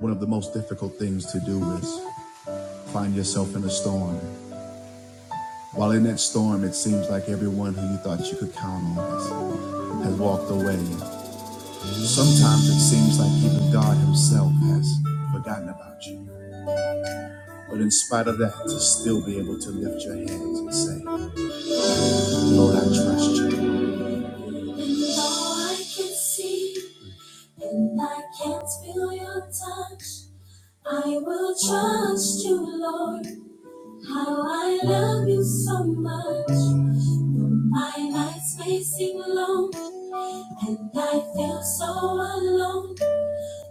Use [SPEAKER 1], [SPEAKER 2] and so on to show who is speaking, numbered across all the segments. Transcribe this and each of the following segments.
[SPEAKER 1] One of the most difficult things to do is find yourself in a storm. While in that storm, it seems like everyone who you thought you could count on has, walked away. Sometimes it seems like even God Himself has forgotten about you. But in spite of that, to still be able to lift your hands and say, Lord, I trust you. And though I can see and I can't feel your touch, I will trust you, Lord. How I love you so much. My nights may seem long and I feel so alone.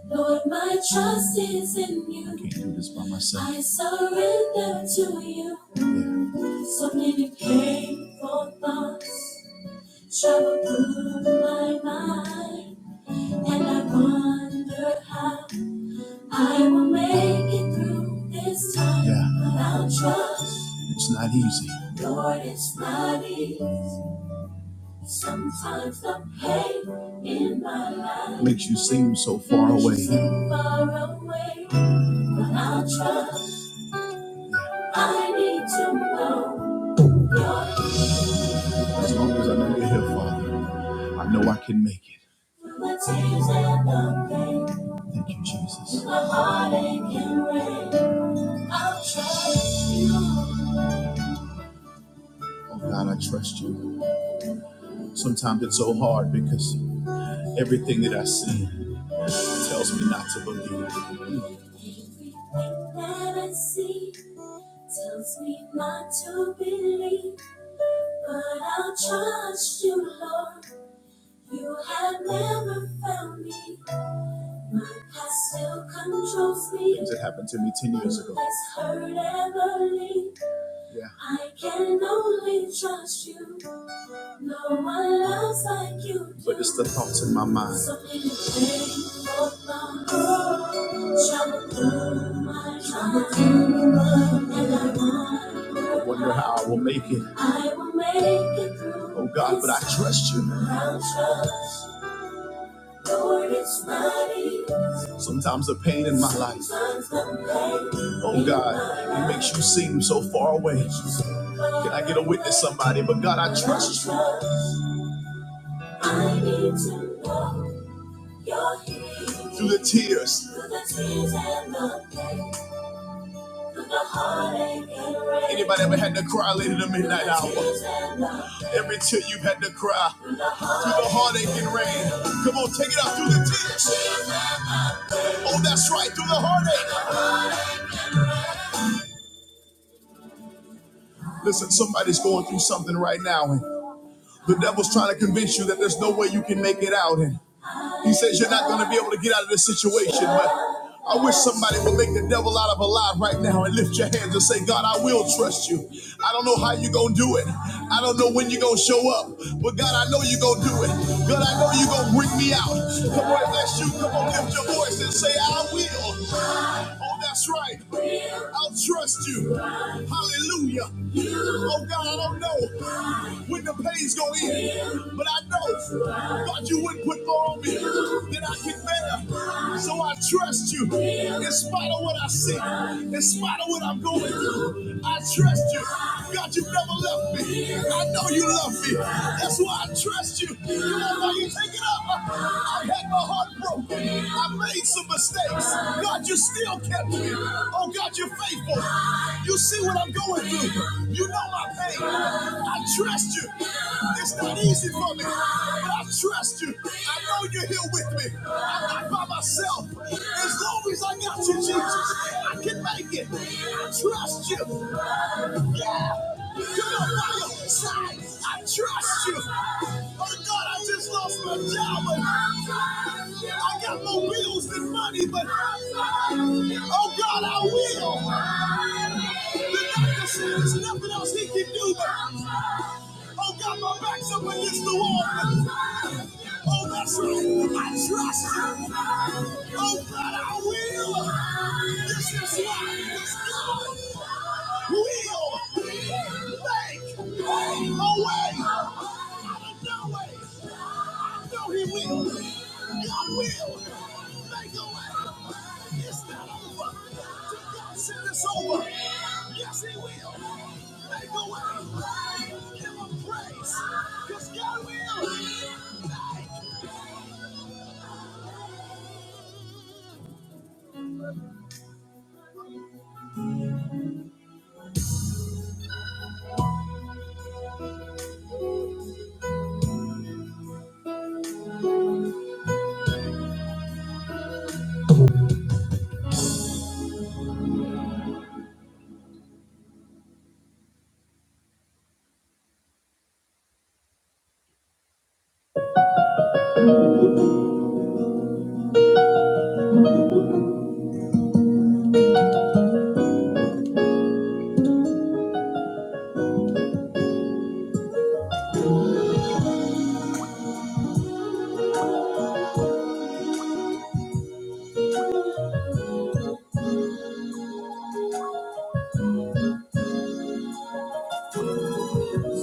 [SPEAKER 1] Lord, my trust is in you. I Can't do this by myself. I surrender to you. Yeah. So many painful thoughts travel through my mind, and I wonder how I will make it through this time. Yeah. But trust. It's not easy. Lord, it's not easy. Sometimes the pain in my life makes you seem so far away. Makes you away. seem far away, but I trust. I need to know your As long as I know you're here, Father, I know I can make it. Through the tears and the pain. Thank you, Jesus. Through the heartache and rain, I'll trust you. Oh God, I trust you. Sometimes it's so hard because everything that I see. tells me not to believe. That I see tells me not to believe, but I'll trust you, Lord. You have never found me. My past still controls me. Things that happened to me ten years ago. Less hurt ever leave. Yeah. I can only trust you. No one loves like you. do. But it's the thoughts in my mind. So many things, oh, I wonder how I will make it. Oh God, but I trust you. Sometimes the pain in my life, oh God, it makes you seem so far away. Can I get a witness, somebody? But God, I trust you. Through the tears, Anybody ever had to cry late in the midnight hour? Every tear you've had to cry through the heartache and rain. Come on, take it out through the tears. Oh, that's right, through the heartache. Listen, somebody's going through something right now, and the devil's trying to convince you that there's no way you can make it out. And He says you're not going to be able to get out of this situation. But I wish somebody would make the devil out of a lie right now and lift your hands and say, God, I will trust you. I don't know how you're going to do it. I don't know when you're going to show up. But God, I know you're going to do it. God, I know you're going to bring me out. Come on, if that's you, come on, lift your voice and say, I will. On that's right. I'll trust you. Hallelujah. Oh God, I don't know when the pain's gonna end, but I know God, you wouldn't put more on me than I can bear. So I trust you in spite of what I see, in spite of what I'm going through. I trust you. God, you never left me. I know you love me. That's why I trust you. Come on, now you take it up. I had my heartbroken. I made some mistakes. God, you still kept me. Oh, God, you're faithful. You see what I'm going through. You know my pain. I trust you. It's not easy for me, but I trust you. I know you're here with me. I'm not by myself. As long as I got you, Jesus, I can make it. I trust you. Yeah. Come on on your side. I trust you. Oh God, I just lost my job, but I got more bills than money, but oh God, I will. The doctor said there's nothing else he can do, but oh God, my back's up against the wall. But Oh, that's right. I trust you. Oh, God, I will. This is why. This God will make a way out of no way. I know He will. God will make a way. It's not over. Till God said it's over. Yes, He will.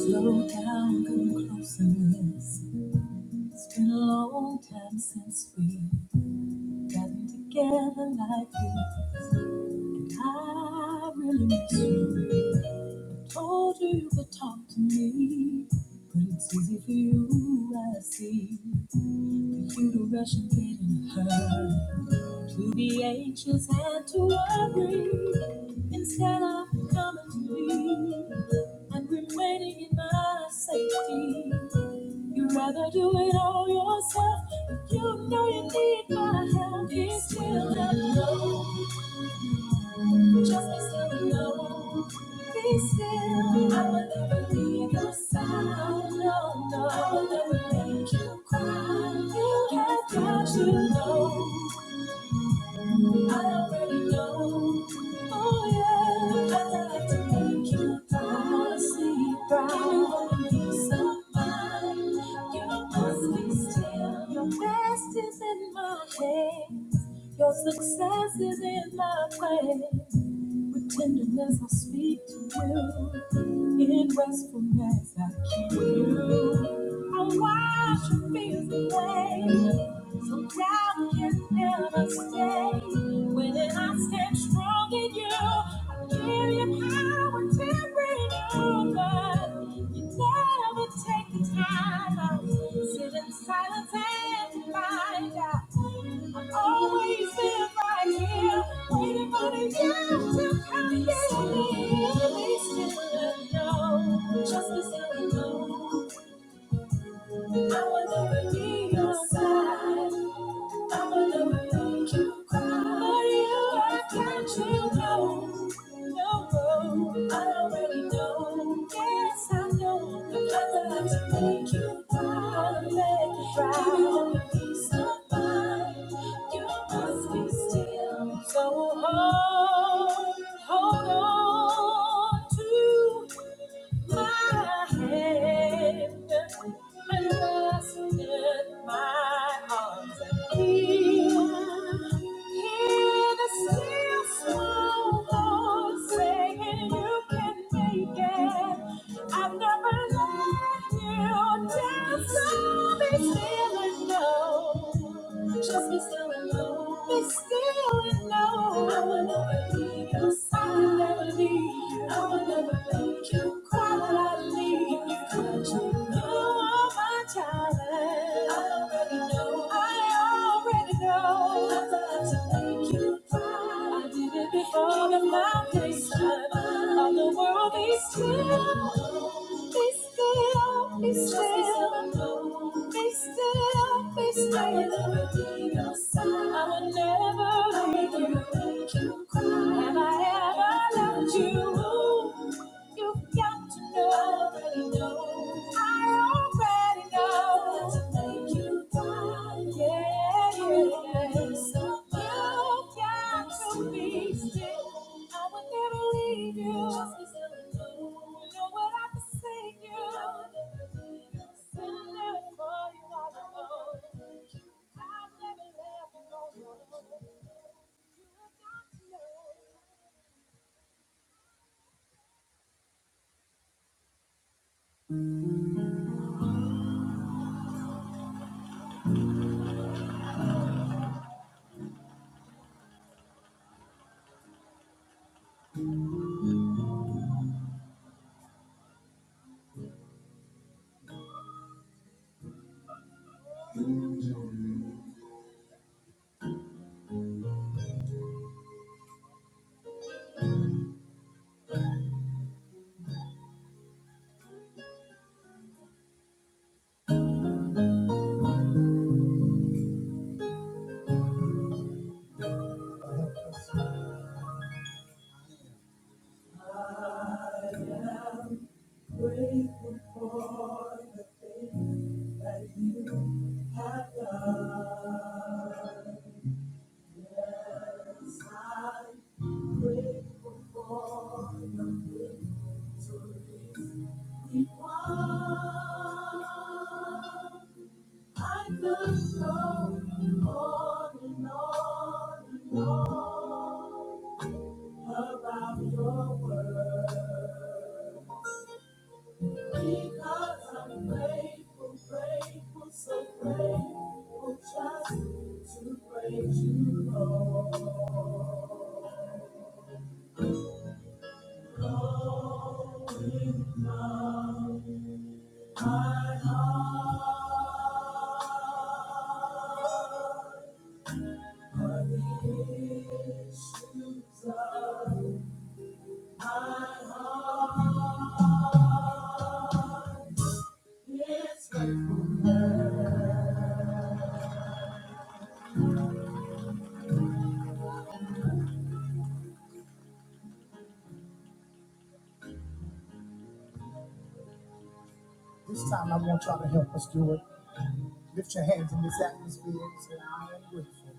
[SPEAKER 1] Slow down, come closer, listen. It's been a long time since we've gotten together like this. And I really miss you. Told you you could talk to me, but it's easy for you, I see. For you to rush and get in a hurry. To be anxious and to worry instead of coming to me and remaining in my safety. You'd rather do it all yourself. If you know you need my help, be still and know. Just be still and know. Be still. I will never leave your side. No, no. I will never make you cry. You have got to know. I already know, oh yeah, because I like to make you proud, see you proud. Can you hold me so fine? You must be still. Your best is in my head, your success is in my way. With tenderness I speak to you. In restfulness I keep you. I wash your fears away. So doubt can never stay. When I stand strong in you, I give you power to renew. But you never take the time. I sit in silence and find out always been right here, waiting for the time to come. Yes, we still know, just as I know, I will never be your side. I wanna make you cry. I can't you know? No, no, I already know. Yes, I know. Because I have to make you cry. i make you cry. Give you a peace of mind. You must be still. So hold, hold on to my hand and rested my arms and hear, hear the still small voice saying you can make it. I've never let you down, so be still and know. Just be still and know. Be still and know. I will never leave you. I will never leave you. I will never leave you made You cry that I leave you, but you know all my talent. I already know, I already know. I love to make you cry. I did it before the foundation of the world. Be still, be still, be still, be still, be still. I will never be your side. I will never leave you, make you cry. Have I ever loved you? You've got to know that I know. I already know that to make you mine. Yeah, yeah. yeah. So you've got to be still. I will never leave you. You know what I can say, you. Send it for you all alone. I've never left you alone. You've got to know. On and on and on about your word. Because I'm grateful, grateful, so grateful just to praise you, Lord. Going down my heart. This time I want y'all to help us do it. Lift your hands in this atmosphere and say, I am grateful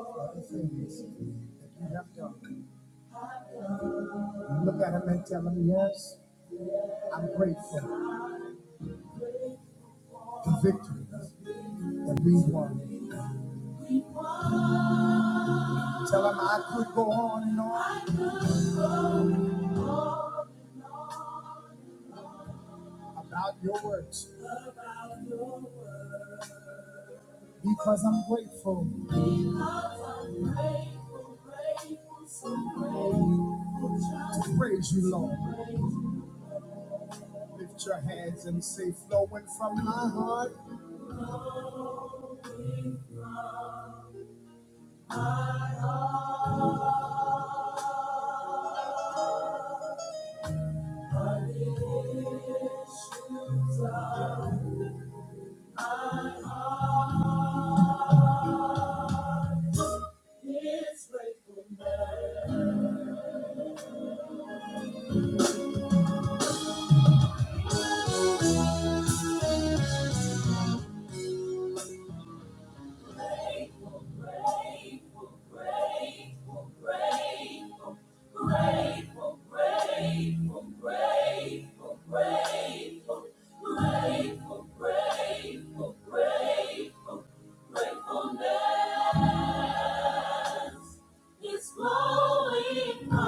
[SPEAKER 1] for the things that you have done. Look at them and tell them yes. I'm grateful for the victories that we won. Tell him I could go on and on about your works because I'm grateful to praise you, Lord. Lift your hands and say, flowing from my heart. It's flowing,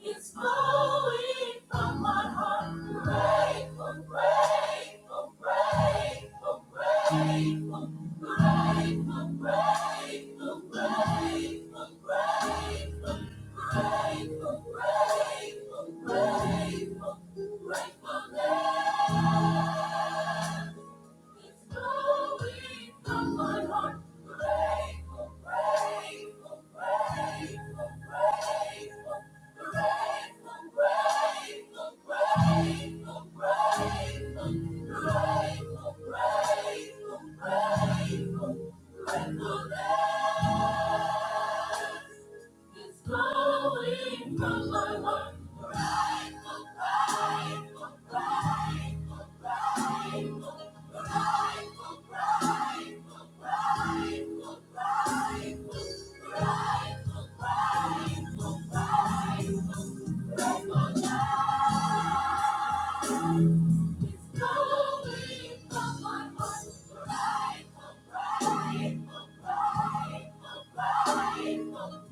[SPEAKER 1] it's flowing from my grateful, grateful, grateful, grateful. It's flowing from my heart. Grateful, grateful, grateful, grateful, grateful, grateful, grateful, grateful, grateful, It's flowing from my heart. It's flowing from my heart. Grateful, grateful, grateful,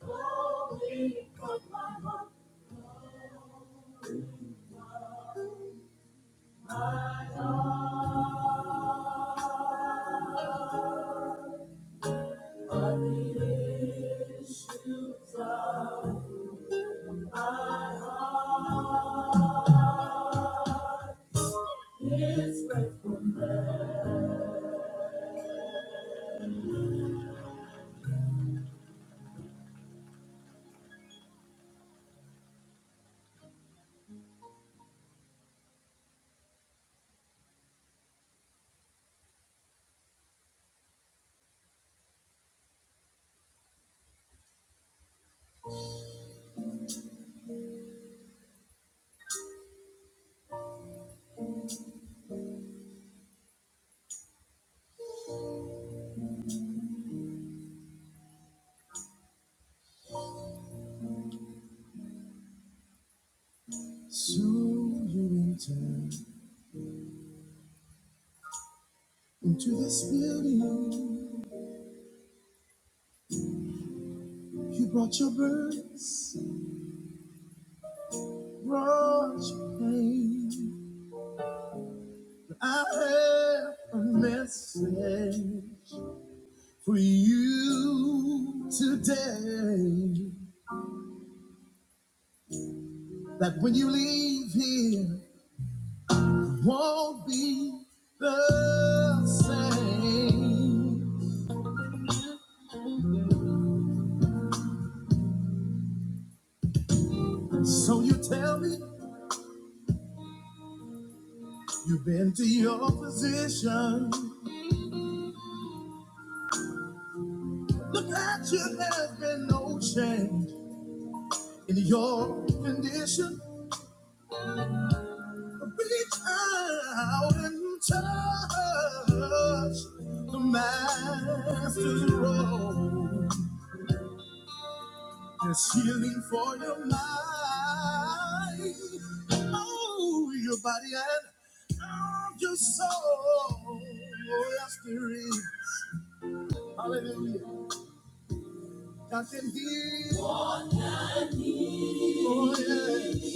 [SPEAKER 1] flowing from my heart. Soon you enter into this building. You brought your burdens, you brought your pain. I have a message for you today. That when you leave here, it won't be the same. So you tell me you've been to your position. The picture has been no change in your condition. Reach out and touch the master's robe. There's healing for your mind, oh, your body and your soul. Oh, yes, there is. Hallelujah. God can heal. Oh, yeah.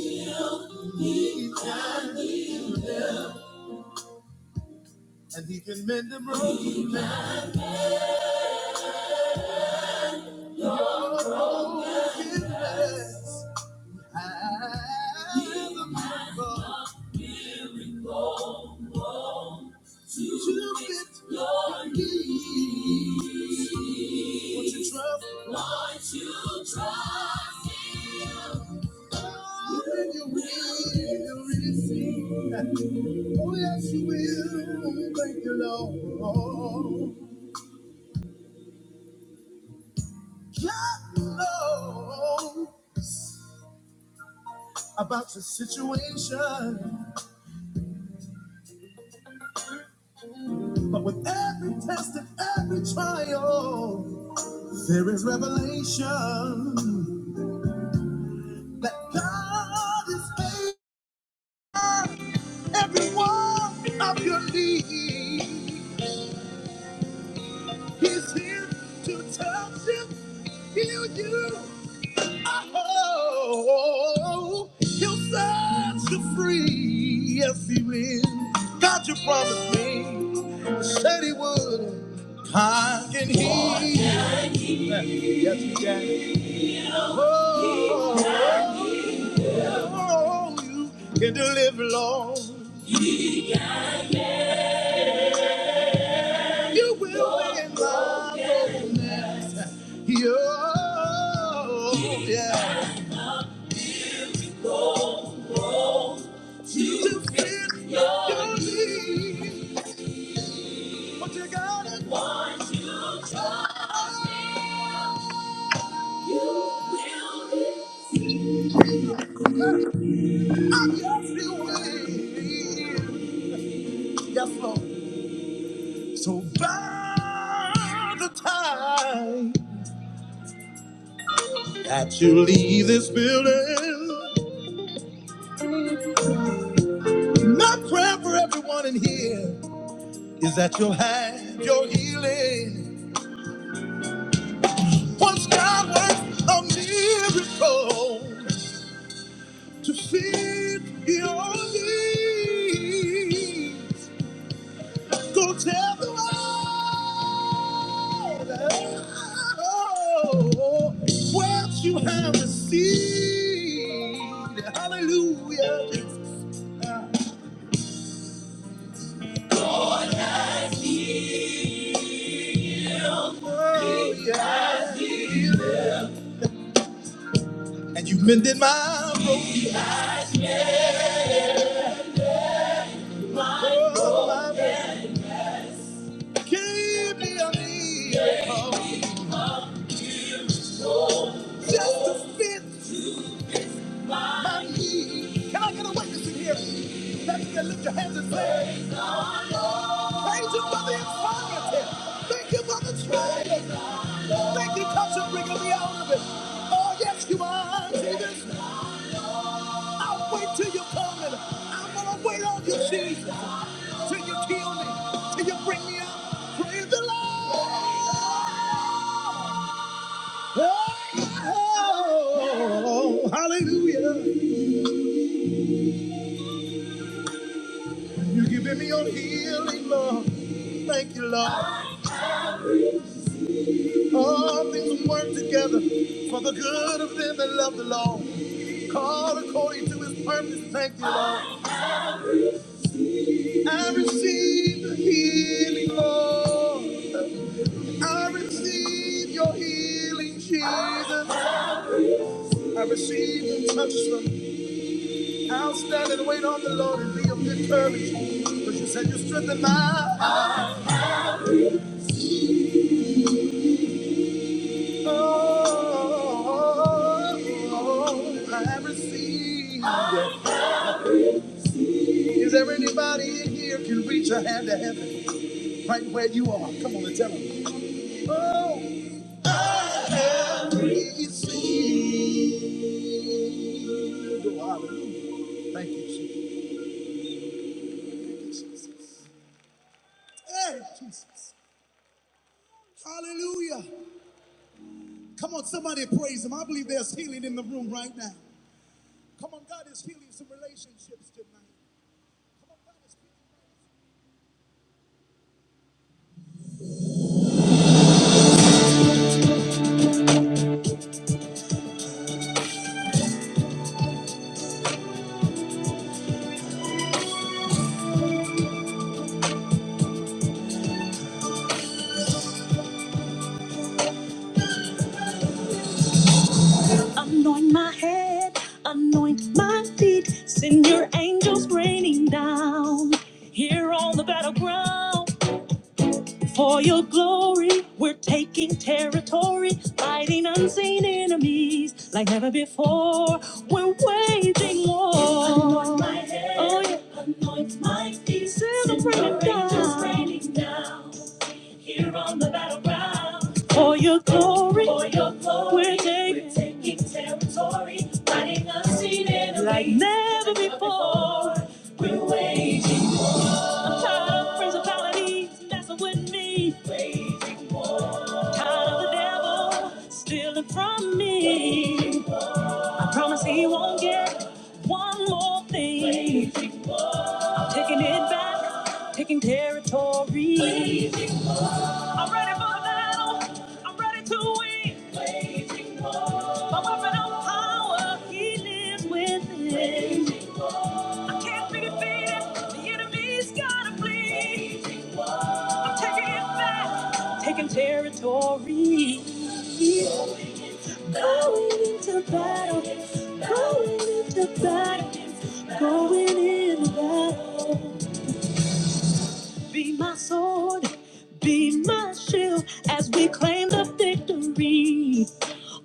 [SPEAKER 1] And he can mend the brokenness. Oh, yes, you will. Thank you, Lord. God knows about your situation, but with every test and every trial, there is revelation that God is able. Every one of your needs, He's here to touch you, heal you. Oh, He'll set you free. Yes, He will. God, you promised me, said He would. I can heal. Yes, He can. Oh, oh, oh, you can deliver, Lord. You will win, Lord. Yo, yeah. To fit your need. but you gotta do, I'm just waiting. Yes, Lord. So by the time that you leave this building, my prayer for everyone in here is that you'll have your healing. Once God works a miracle. to fit your needs. Go tell the world oh, what you have received. Hallelujah. Oh, yeah. And you mended my broken heart. my broken- Gave me a need just to fit my need. Can I get a witness in here? That's it. Lift your hands and say. Praise Him for the infirmity. Thank you for the tragedy. Thank you, touch and bringing me out of it. Oh, yes, you are, Jesus. I'll wait till you come and I'm going to wait on you, Jesus. Till you heal me, till you bring me out. Praise the Lord. Oh, hallelujah. You're giving me your healing, Lord. Thank you, Lord. All things work together for the good of them that love the Lord. Called according to his purpose, thank you, Lord. I receive the healing, Lord. I receive your healing, Jesus. I receive the touch from outstanding wait on the Lord and be of good courage. Because you said you strengthen my oh, oh, oh, oh, I receive. Is there anybody in here can reach a hand to heaven right where you are? Come on and tell them. Oh. every seed. Oh, hallelujah. Thank you, Jesus. Hey, Jesus. Hallelujah. Come on, somebody praise him. I believe there's healing in the room right now. Come on, God is healing some relationships tonight. Anoint my head, anoint my feet, send your angels raining down. Here on the battleground. For your glory, we're taking territory, fighting unseen enemies like never before. We're waging war. Anoint my head. Oh, yeah. It's my Sins are raining down. angels raining down here on the battleground. For your glory, for your glory, we're taking, we're taking territory, fighting unseen enemies like never like never before. before. We're waging I'm tired of war. principalities messing with me. Waging out of the devil, stealing from me. I promise he won't get one more thing. I'm taking it back, taking territory. I'm ready for the battle. I'm ready to win. My weapon of power, he lives within. I can't be defeated. The enemy's gotta bleed. I'm taking it back, taking territory. Going into battle, going into battle, going into battle. Be my sword, be my shield as we claim the victory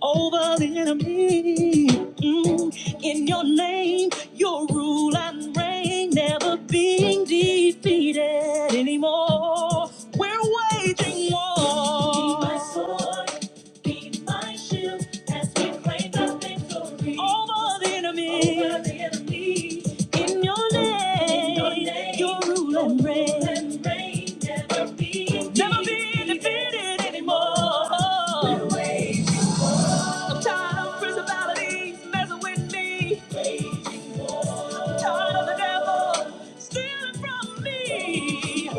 [SPEAKER 1] over the enemy. Mm. In your name, your rule and reign, never being defeated anymore. We're waging war. Be my sword, be over the enemy. In your name, you rule and reign. Never be defeated anymore. I'm tired of principalities messing with me. Tired of the devil stealing from me.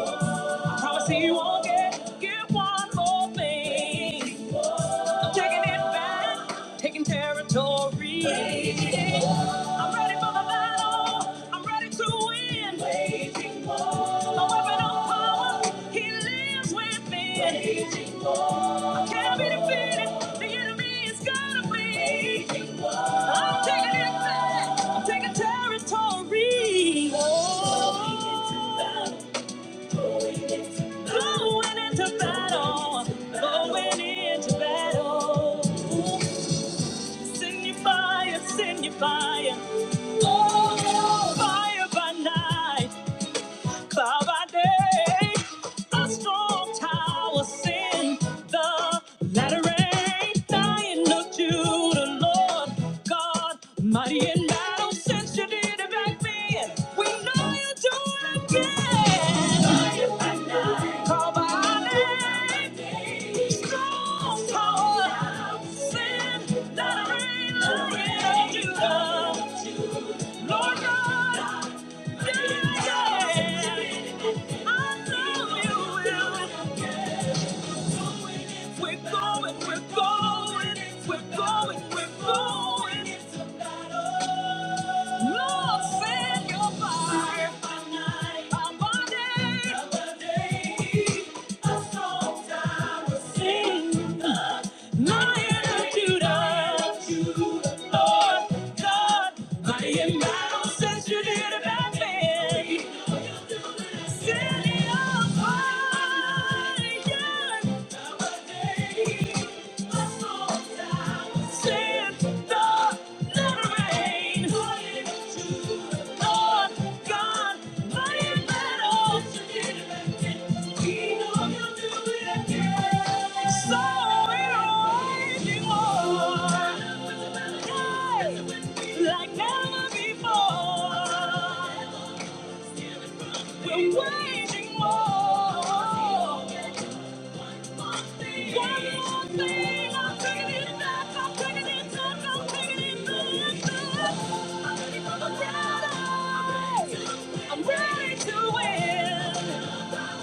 [SPEAKER 1] Promise you won't get, get one more thing. I'm taking it back, taking territory. I'm ready for the battle. I'm ready to win. Waging war. My weapon of power, he lives within. Waging war. I can't be defeated. The enemy is gonna flee. Waging war. I'm taking it back. I'm taking territory. Going into battle, going into battle. Ooh, send your fire, send your fire. Oh, fire by night cloud by day, a strong tower sin, the latter rain. Lion of Judah, Lord God, mighty in battle, since you did it back then, we know you do it again. Lion by night, call by our name, strong tower, sin, latter rain, Lion of Judah. Lord God, yeah, I know you will. We're going, we're going, we're going, we're going. Lord, send your fire. Our day. a song I will sing. My attitude of you, Lord God. I am not since you did it about me. Set me on fire. Send the little rain. Lord God, I am not I'm ready to win.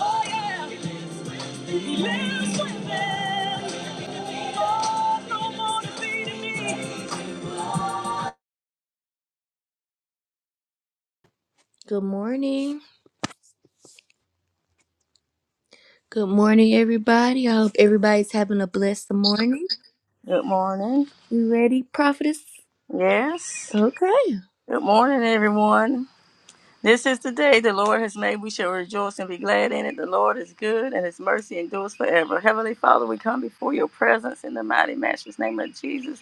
[SPEAKER 1] Oh yeah. Good morning. Good morning, everybody. I hope everybody's having a blessed morning.
[SPEAKER 2] Good morning.
[SPEAKER 1] You ready, prophetess?
[SPEAKER 2] Yes.
[SPEAKER 1] Okay.
[SPEAKER 2] Good morning, everyone. This is the day the Lord has made. We shall rejoice and be glad in it. The Lord is good, and His mercy endures forever. Heavenly Father, we come before Your presence in the mighty matchless name of Jesus.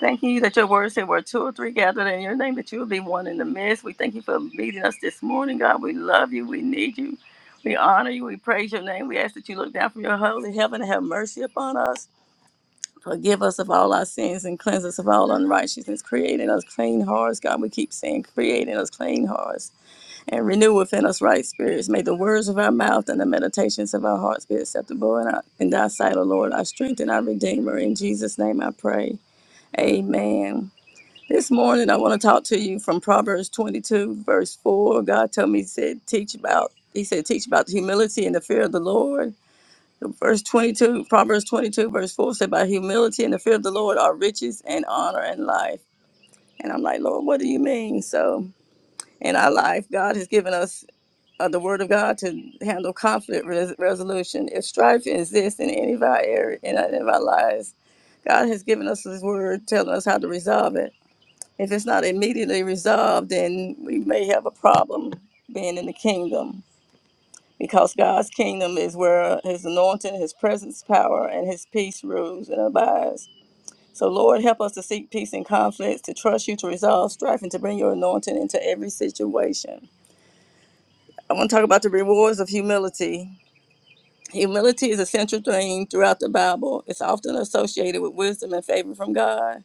[SPEAKER 2] Thank you that Your word said, "Where two or three gathered in Your name, that You will be one in the midst." We thank You for meeting us this morning, God. We love You. We need You. We honor You. We praise Your name. We ask that You look down from Your holy heaven and have mercy upon us. Forgive us of all our sins and cleanse us of all unrighteousness. Creating us clean hearts, God. We keep saying, creating us clean hearts and renew within us right spirits. May the words of our mouth and the meditations of our hearts be acceptable in, our, in thy sight, O Lord, our strength and our redeemer. In Jesus' name I pray. Amen. This morning I want to talk to you from Proverbs 22, verse 4. God told me, he said, teach about, he said, teach about humility and the fear of the Lord. Verse 22, Proverbs 22, verse 4 said, By humility and the fear of the Lord are riches and honor and life. And I'm like, Lord, what do you mean? So, in our life, God has given us uh, the word of God to handle conflict res- resolution. If strife exists in any of our area, in any of our lives, God has given us His word telling us how to resolve it. If it's not immediately resolved, then we may have a problem being in the kingdom because God's kingdom is where his anointing, his presence, power, and his peace rules and abides. So, Lord, help us to seek peace in conflicts, to trust you to resolve strife, and to bring your anointing into every situation. I want to talk about the rewards of humility. Humility is a central theme throughout the Bible. It's often associated with wisdom and favor from God.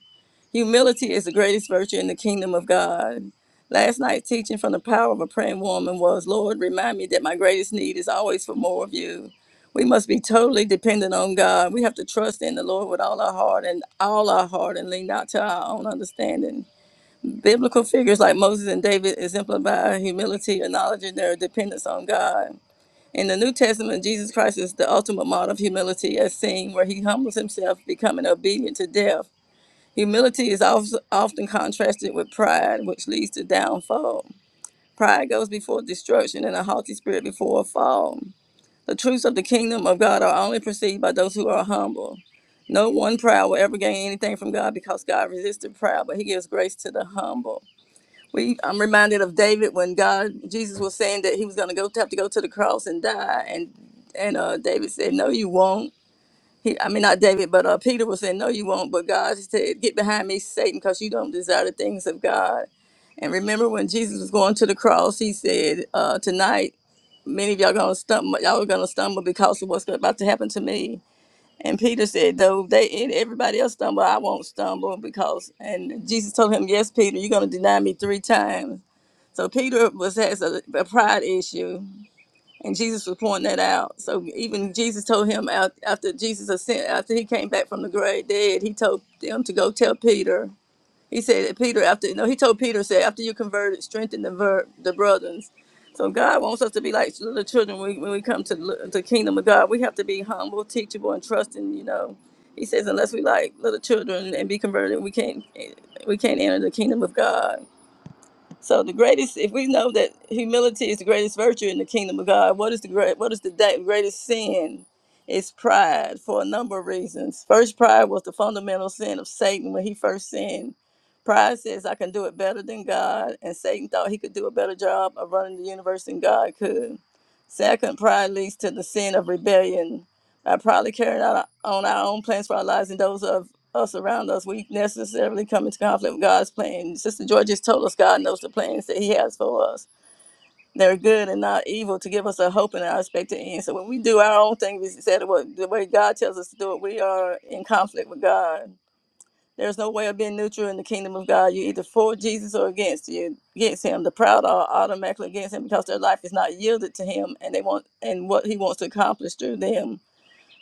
[SPEAKER 2] Humility is the greatest virtue in the kingdom of God. Last night, teaching from the power of a praying woman was Lord, remind me that my greatest need is always for more of you. We must be totally dependent on God. We have to trust in the Lord with all our heart and all our heart and lean not to our own understanding. Biblical figures like Moses and David exemplify humility, acknowledging their dependence on God. In the New Testament, Jesus Christ is the ultimate model of humility, as seen where he humbles himself, becoming obedient to death Humility is often often contrasted with pride, which leads to downfall. Pride goes before destruction, and a haughty spirit before a fall. The truths of the kingdom of God are only perceived by those who are humble. No one proud will ever gain anything from God because God resists the proud, but He gives grace to the humble. We, I'm reminded of David when God, Jesus was saying that he was going to go have to go to the cross and die, and and uh, David said, "No, you won't." He, I mean, not David, but uh, Peter was saying, No, you won't. But God said, Get behind me, Satan, because you don't desire the things of God. And remember when Jesus was going to the cross, he said, uh, Tonight, many of y'all going to stumble. Y'all are going to stumble because of what's about to happen to me. And Peter said, Though they and everybody else stumble, I won't stumble because. And Jesus told him, Yes, Peter, you're going to deny me three times. So Peter was has a, a pride issue and Jesus was pointing that out. So even Jesus told him out after Jesus ascended, after he came back from the grave dead, he told them to go tell Peter. He said, that Peter, after no, he told Peter, said, after you converted, strengthen the ver- the brothers. So God wants us to be like little children when, we, when we come to the the kingdom of God. We have to be humble, teachable, and trusting. You know, He says, unless we like little children and be converted, we can't we can't enter the kingdom of God. So the greatest, if we know that humility is the greatest virtue in the kingdom of God, what is the great, what is the da- greatest sin? It's pride for a number of reasons. First, pride was the fundamental sin of Satan when he first sinned. Pride says I can do it better than God, and Satan thought he could do a better job of running the universe than God could. Second, pride leads to the sin of rebellion by proudly carrying out our- on our own plans for our lives and those of us around us, we necessarily come into conflict with God's plan. Sister George just told us God knows the plans that He has for us. They're good and not evil to give us a hope and an expected end. So when we do our own thing, we said it the way God tells us to do it, we are in conflict with God. There's no way of being neutral in the kingdom of God. You're either for Jesus or against you, against Him. The proud are automatically against Him because their life is not yielded to Him, and they want and what He wants to accomplish through them.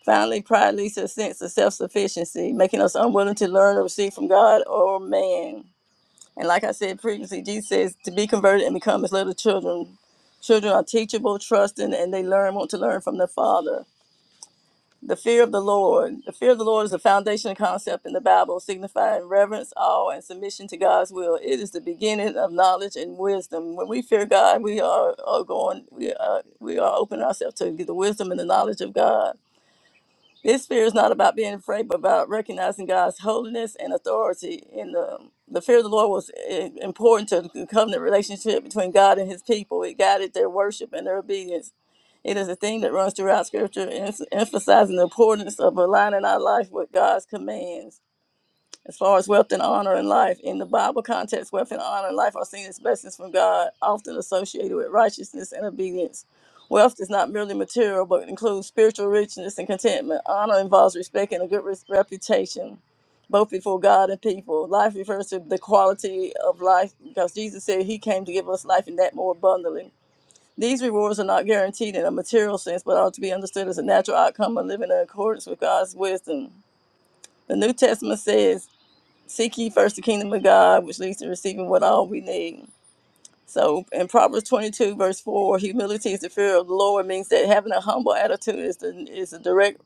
[SPEAKER 2] Finally, pride leads to a sense of self sufficiency, making us unwilling to learn or receive from God or man. And like I said previously, Jesus says to be converted and become as little children. Children are teachable, trusting, and they learn, want to learn from their Father. The fear of the Lord. The fear of the Lord is a foundational concept in the Bible, signifying reverence, awe, and submission to God's will. It is the beginning of knowledge and wisdom. When we fear God, we are, are going, we are, we are opening ourselves to the wisdom and the knowledge of God. This fear is not about being afraid, but about recognizing God's holiness and authority. And the, the fear of the Lord was i- important to the covenant relationship between God and his people. It guided their worship and their obedience. It is a theme that runs throughout Scripture, ens- emphasizing the importance of aligning our life with God's commands as far as wealth and honor in life. In the Bible context, wealth and honor in life are seen as blessings from God, often associated with righteousness and obedience. Wealth is not merely material, but includes spiritual richness and contentment. Honor involves respect and a good res- reputation, both before God and people. Life refers to the quality of life because Jesus said he came to give us life and that more abundantly. These rewards are not guaranteed in a material sense, but are to be understood as a natural outcome of living in accordance with God's wisdom. The New Testament says Seek ye first the kingdom of God, which leads to receiving what all we need. So in Proverbs 22, verse 4, humility is the fear of the Lord, means that having a humble attitude is, the, is a direct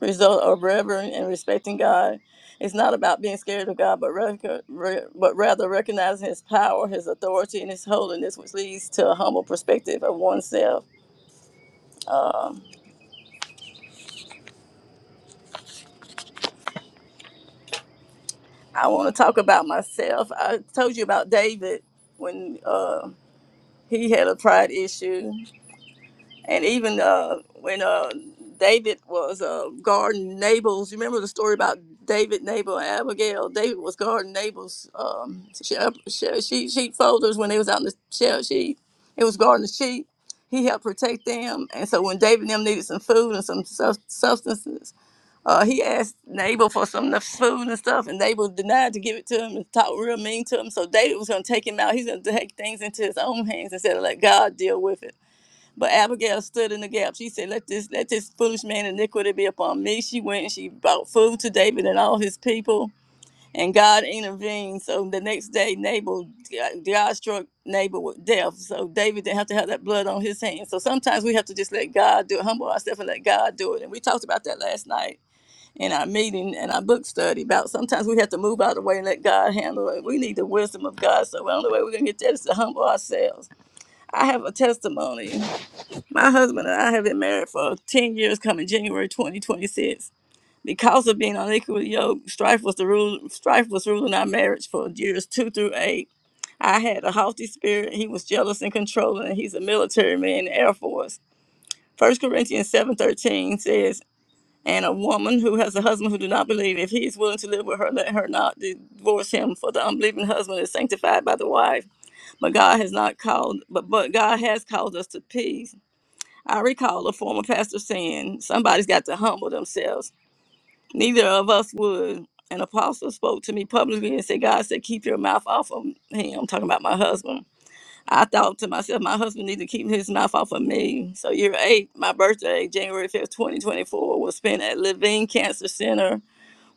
[SPEAKER 2] result of revering and respecting God. It's not about being scared of God, but, rec- re- but rather recognizing His power, His authority, and His holiness, which leads to a humble perspective of oneself. I want to talk about myself. I told you about David when uh, he had a pride issue and even uh, when uh, David was uh, guarding Nabal's, you remember the story about David, Nabal, and Abigail. David was guarding Nabal's um, sheep, sheep, sheep folders when they was out in the sheep. sheep. It was guarding the sheep. He helped protect them, and so when David and them needed some food and some sub- substances, uh, he asked Nabal for some of the food and stuff, and Nabal denied to give it to him and talked real mean to him. So David was going to take him out. He's going to take things into his own hands instead of let God deal with it. But Abigail stood in the gap. She said, Let this let this foolish man iniquity be upon me. She went and she brought food to David and all his people. And God intervened. So the next day, Nabal, God struck Nabal with death. So David didn't have to have that blood on his hands. So sometimes we have to just let God do it, humble ourselves and let God do it. And we talked about that last night in our meeting and our book study about sometimes we have to move out of the way and let God handle it. We need the wisdom of God. So the only way we're going to get that is to humble ourselves. I have a testimony. My husband and I have been married for 10 years coming January 2026. Because of being unequally yoked, strife was the rule strife was ruling our marriage for years two through eight. I had a haughty spirit, he was jealous and controlling, and he's a military man in the Air Force. First Corinthians seven thirteen says, And a woman who has a husband who do not believe, if he is willing to live with her, let her not divorce him, for the unbelieving husband is sanctified by the wife. But God has not called but, but God has called us to peace I recall a former pastor saying, Somebody's got to humble themselves. Neither of us would. An apostle spoke to me publicly and said, God said, keep your mouth off of him. I'm talking about my husband. I thought to myself, my husband needs to keep his mouth off of me. So, year eight, my birthday, January 5th, 2024, was spent at Levine Cancer Center,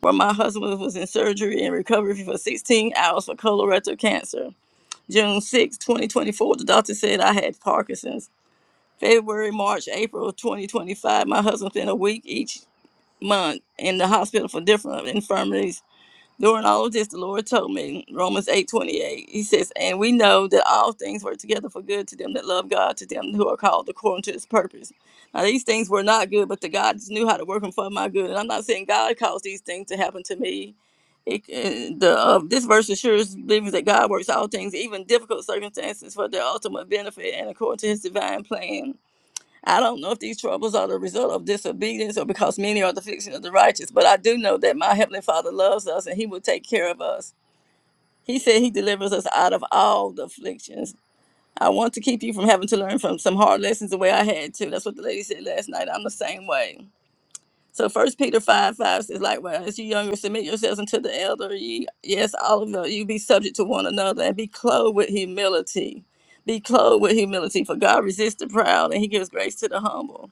[SPEAKER 2] where my husband was in surgery and recovery for 16 hours for colorectal cancer. June 6, 2024, the doctor said I had Parkinson's. February, March, April 2025. My husband spent a week each month in the hospital for different infirmities. During all of this, the Lord told me, Romans 8 28. He says, And we know that all things work together for good to them that love God, to them who are called according to His purpose. Now, these things were not good, but the God knew how to work them for my good. And I'm not saying God caused these things to happen to me. It, uh, the uh, this verse assures believers that God works all things, even difficult circumstances, for their ultimate benefit and according to His divine plan. I don't know if these troubles are the result of disobedience or because many are the affliction of the righteous, but I do know that my Heavenly Father loves us and He will take care of us. He said He delivers us out of all the afflictions. I want to keep you from having to learn from some hard lessons the way I had to. That's what the lady said last night. I'm the same way. So First Peter 5 5 says, Likewise, you younger, submit yourselves unto the elder. Ye, yes, all of you, you be subject to one another and be clothed with humility. Be clothed with humility, for God resists the proud and He gives grace to the humble.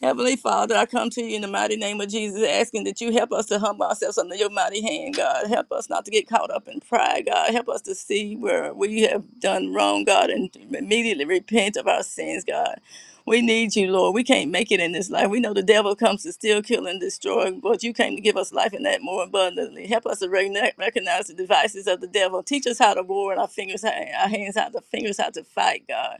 [SPEAKER 2] Heavenly Father, I come to you in the mighty name of Jesus, asking that you help us to humble ourselves under your mighty hand, God. Help us not to get caught up in pride, God. Help us to see where we have done wrong, God, and immediately repent of our sins, God. We need you, Lord. We can't make it in this life. We know the devil comes to steal, kill, and destroy, but you came to give us life and that more abundantly. Help us to recogni- recognize the devices of the devil. Teach us how to war in our fingers, our hands, how to fingers, how to fight, God.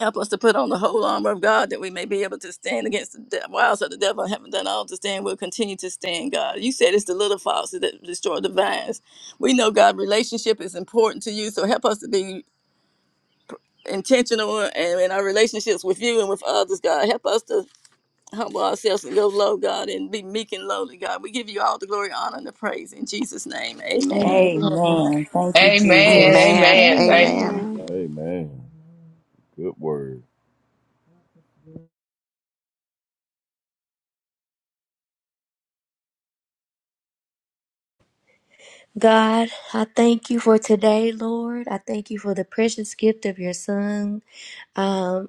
[SPEAKER 2] Help us to put on the whole armor of God that we may be able to stand against the de- wiles of the devil. I Haven't done all to stand. We'll continue to stand, God. You said it's the little foxes that destroy the vines. We know, God, relationship is important to you. So help us to be intentional and in our relationships with you and with others, God. Help us to humble ourselves and go low, God, and be meek and lowly, God. We give you all the glory, honor, and the praise in Jesus' name.
[SPEAKER 1] Amen.
[SPEAKER 2] Amen.
[SPEAKER 3] Amen. Thank you,
[SPEAKER 4] Amen.
[SPEAKER 3] Jesus.
[SPEAKER 5] Amen.
[SPEAKER 4] Amen. Thank you.
[SPEAKER 5] Amen.
[SPEAKER 6] Amen.
[SPEAKER 7] Amen. Good word.
[SPEAKER 1] God, I thank you for today, Lord. I thank you for the precious gift of your son. Um,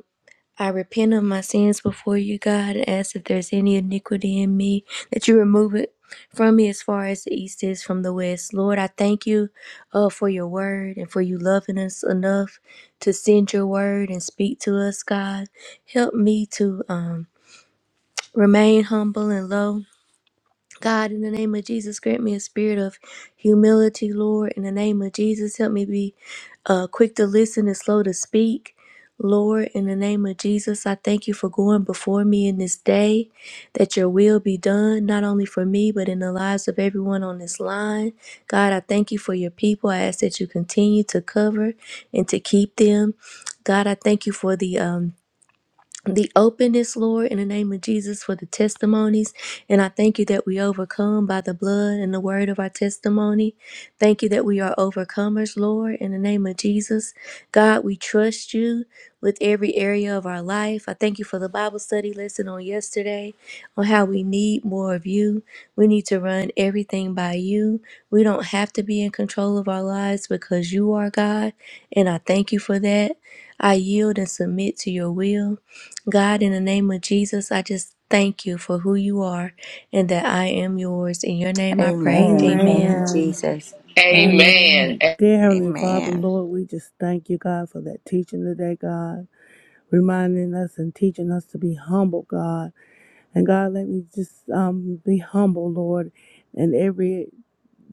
[SPEAKER 1] I repent of my sins before you, God, and ask if there's any iniquity in me, that you remove it from me as far as the east is from the west. Lord, I thank you uh, for your word and for you loving us enough to send your word and speak to us, God. Help me to um, remain humble and low God, in the name of Jesus, grant me a spirit of humility, Lord. In the name of Jesus, help me be uh, quick to listen and slow to speak. Lord, in the name of Jesus, I thank you for going before me in this day, that your will be done, not only for me, but in the lives of everyone on this line. God, I thank you for your people. I ask that you continue to cover and to keep them. God, I thank you for the um, the openness, Lord, in the name of Jesus, for the testimonies. And I thank you that we overcome by the blood and the word of our testimony. Thank you that we are overcomers, Lord, in the name of Jesus. God, we trust you with every area of our life. I thank you for the Bible study lesson on yesterday on how we need more of you. We need to run everything by you. We don't have to be in control of our lives because you are God. And I thank you for that. I yield and submit to your will. God, in the name of Jesus, I just thank you for who you are and that I am yours. In your name I pray.
[SPEAKER 3] Amen. Thank you,
[SPEAKER 1] Amen.
[SPEAKER 7] Amen.
[SPEAKER 3] Jesus.
[SPEAKER 4] Amen.
[SPEAKER 7] Amen.
[SPEAKER 4] a-
[SPEAKER 7] Dear Heavenly Father,
[SPEAKER 5] Amen.
[SPEAKER 7] Lord, we just thank you, God, for that teaching today, God, reminding us and teaching us to be humble, God. And God, let me just um, be humble, Lord, in every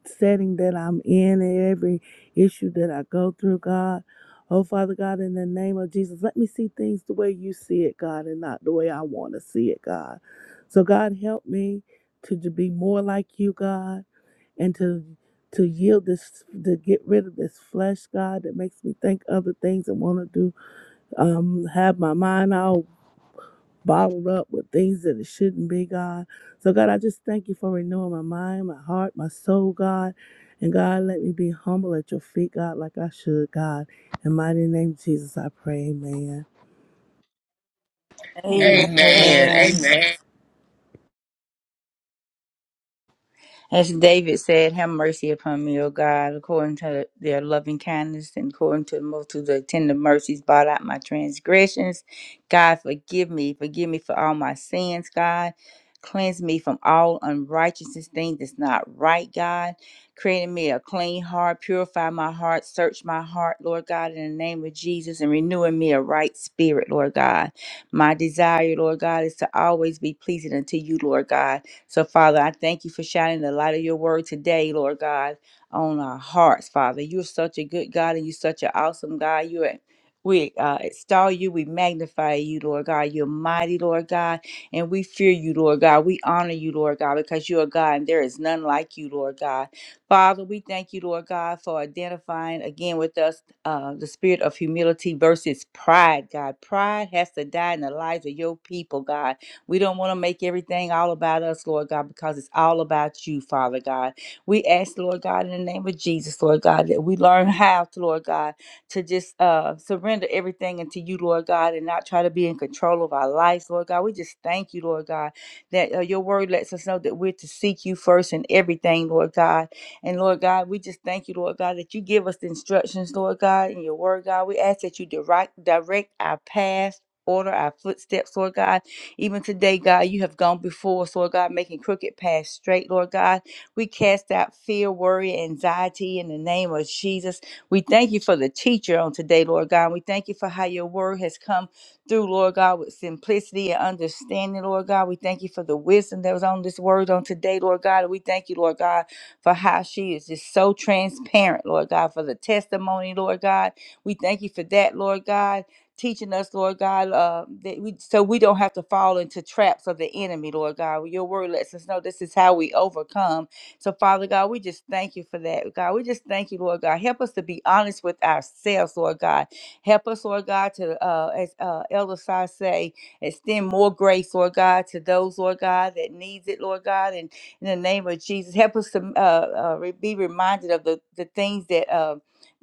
[SPEAKER 7] setting that I'm in and every issue that I go through, God. Oh, Father God, in the name of Jesus, let me see things the way you see it, God, and not the way I want to see it, God. So, God, help me to, to be more like you, God, and to to yield this, to get rid of this flesh, God, that makes me think other things and want to do, um, have my mind all bottled up with things that it shouldn't be, God. So, God, I just thank you for renewing my mind, my heart, my soul, God. And God, let me be humble at your feet, God, like I should, God. In mighty name of Jesus, I pray, amen.
[SPEAKER 2] Amen.
[SPEAKER 5] Amen.
[SPEAKER 2] Amen.
[SPEAKER 4] Amen.
[SPEAKER 3] Amen.
[SPEAKER 5] Amen.
[SPEAKER 4] Amen.
[SPEAKER 3] As David said, have mercy upon me, O God, according to their loving kindness and according to the multitude of their tender mercies, blot out my transgressions. God, forgive me. Forgive me for all my sins, God. Cleanse me from all unrighteousness, thing that's not right, God. Create in me a clean heart, purify my heart, search my heart, Lord God, in the name of Jesus, and renew in me a right spirit, Lord God. My desire, Lord God, is to always be pleasing unto you, Lord God. So, Father, I thank you for shining the light of your word today, Lord God, on our hearts, Father. You're such a good God and you're such an awesome God. You're we uh, extol you, we magnify you, Lord God. You're mighty, Lord God, and we fear you, Lord God. We honor you, Lord God, because you're God and there is none like you, Lord God. Father, we thank you, Lord God, for identifying again with us uh, the spirit of humility versus pride, God. Pride has to die in the lives of your people, God. We don't want to make everything all about us, Lord God, because it's all about you, Father God. We ask, Lord God, in the name of Jesus, Lord God, that we learn how to, Lord God, to just uh, surrender everything into you, Lord God, and not try to be in control of our lives, Lord God. We just thank you, Lord God, that uh, your word lets us know that we're to seek you first in everything, Lord God. And Lord God, we just thank you, Lord God, that you give us the instructions, Lord God, in your word, God. We ask that you direct, direct our path. Order our footsteps, Lord God. Even today, God, you have gone before us, Lord God, making crooked paths straight, Lord God. We cast out fear, worry, anxiety in the name of Jesus. We thank you for the teacher on today, Lord God. We thank you for how your word has come through, Lord God, with simplicity and understanding, Lord God. We thank you for the wisdom that was on this word on today, Lord God. And we thank you, Lord God, for how she is just so transparent, Lord God, for the testimony, Lord God. We thank you for that, Lord God teaching us, Lord God, uh, that we, so we don't have to fall into traps of the enemy, Lord God. Your word lets us know this is how we overcome. So, Father God, we just thank you for that, God. We just thank you, Lord God. Help us to be honest with ourselves, Lord God. Help us, Lord God, to, uh, as uh, Elder Si say, extend more grace, Lord God, to those, Lord God, that needs it, Lord God. And in the name of Jesus, help us to uh, uh, re- be reminded of the, the things that. uh,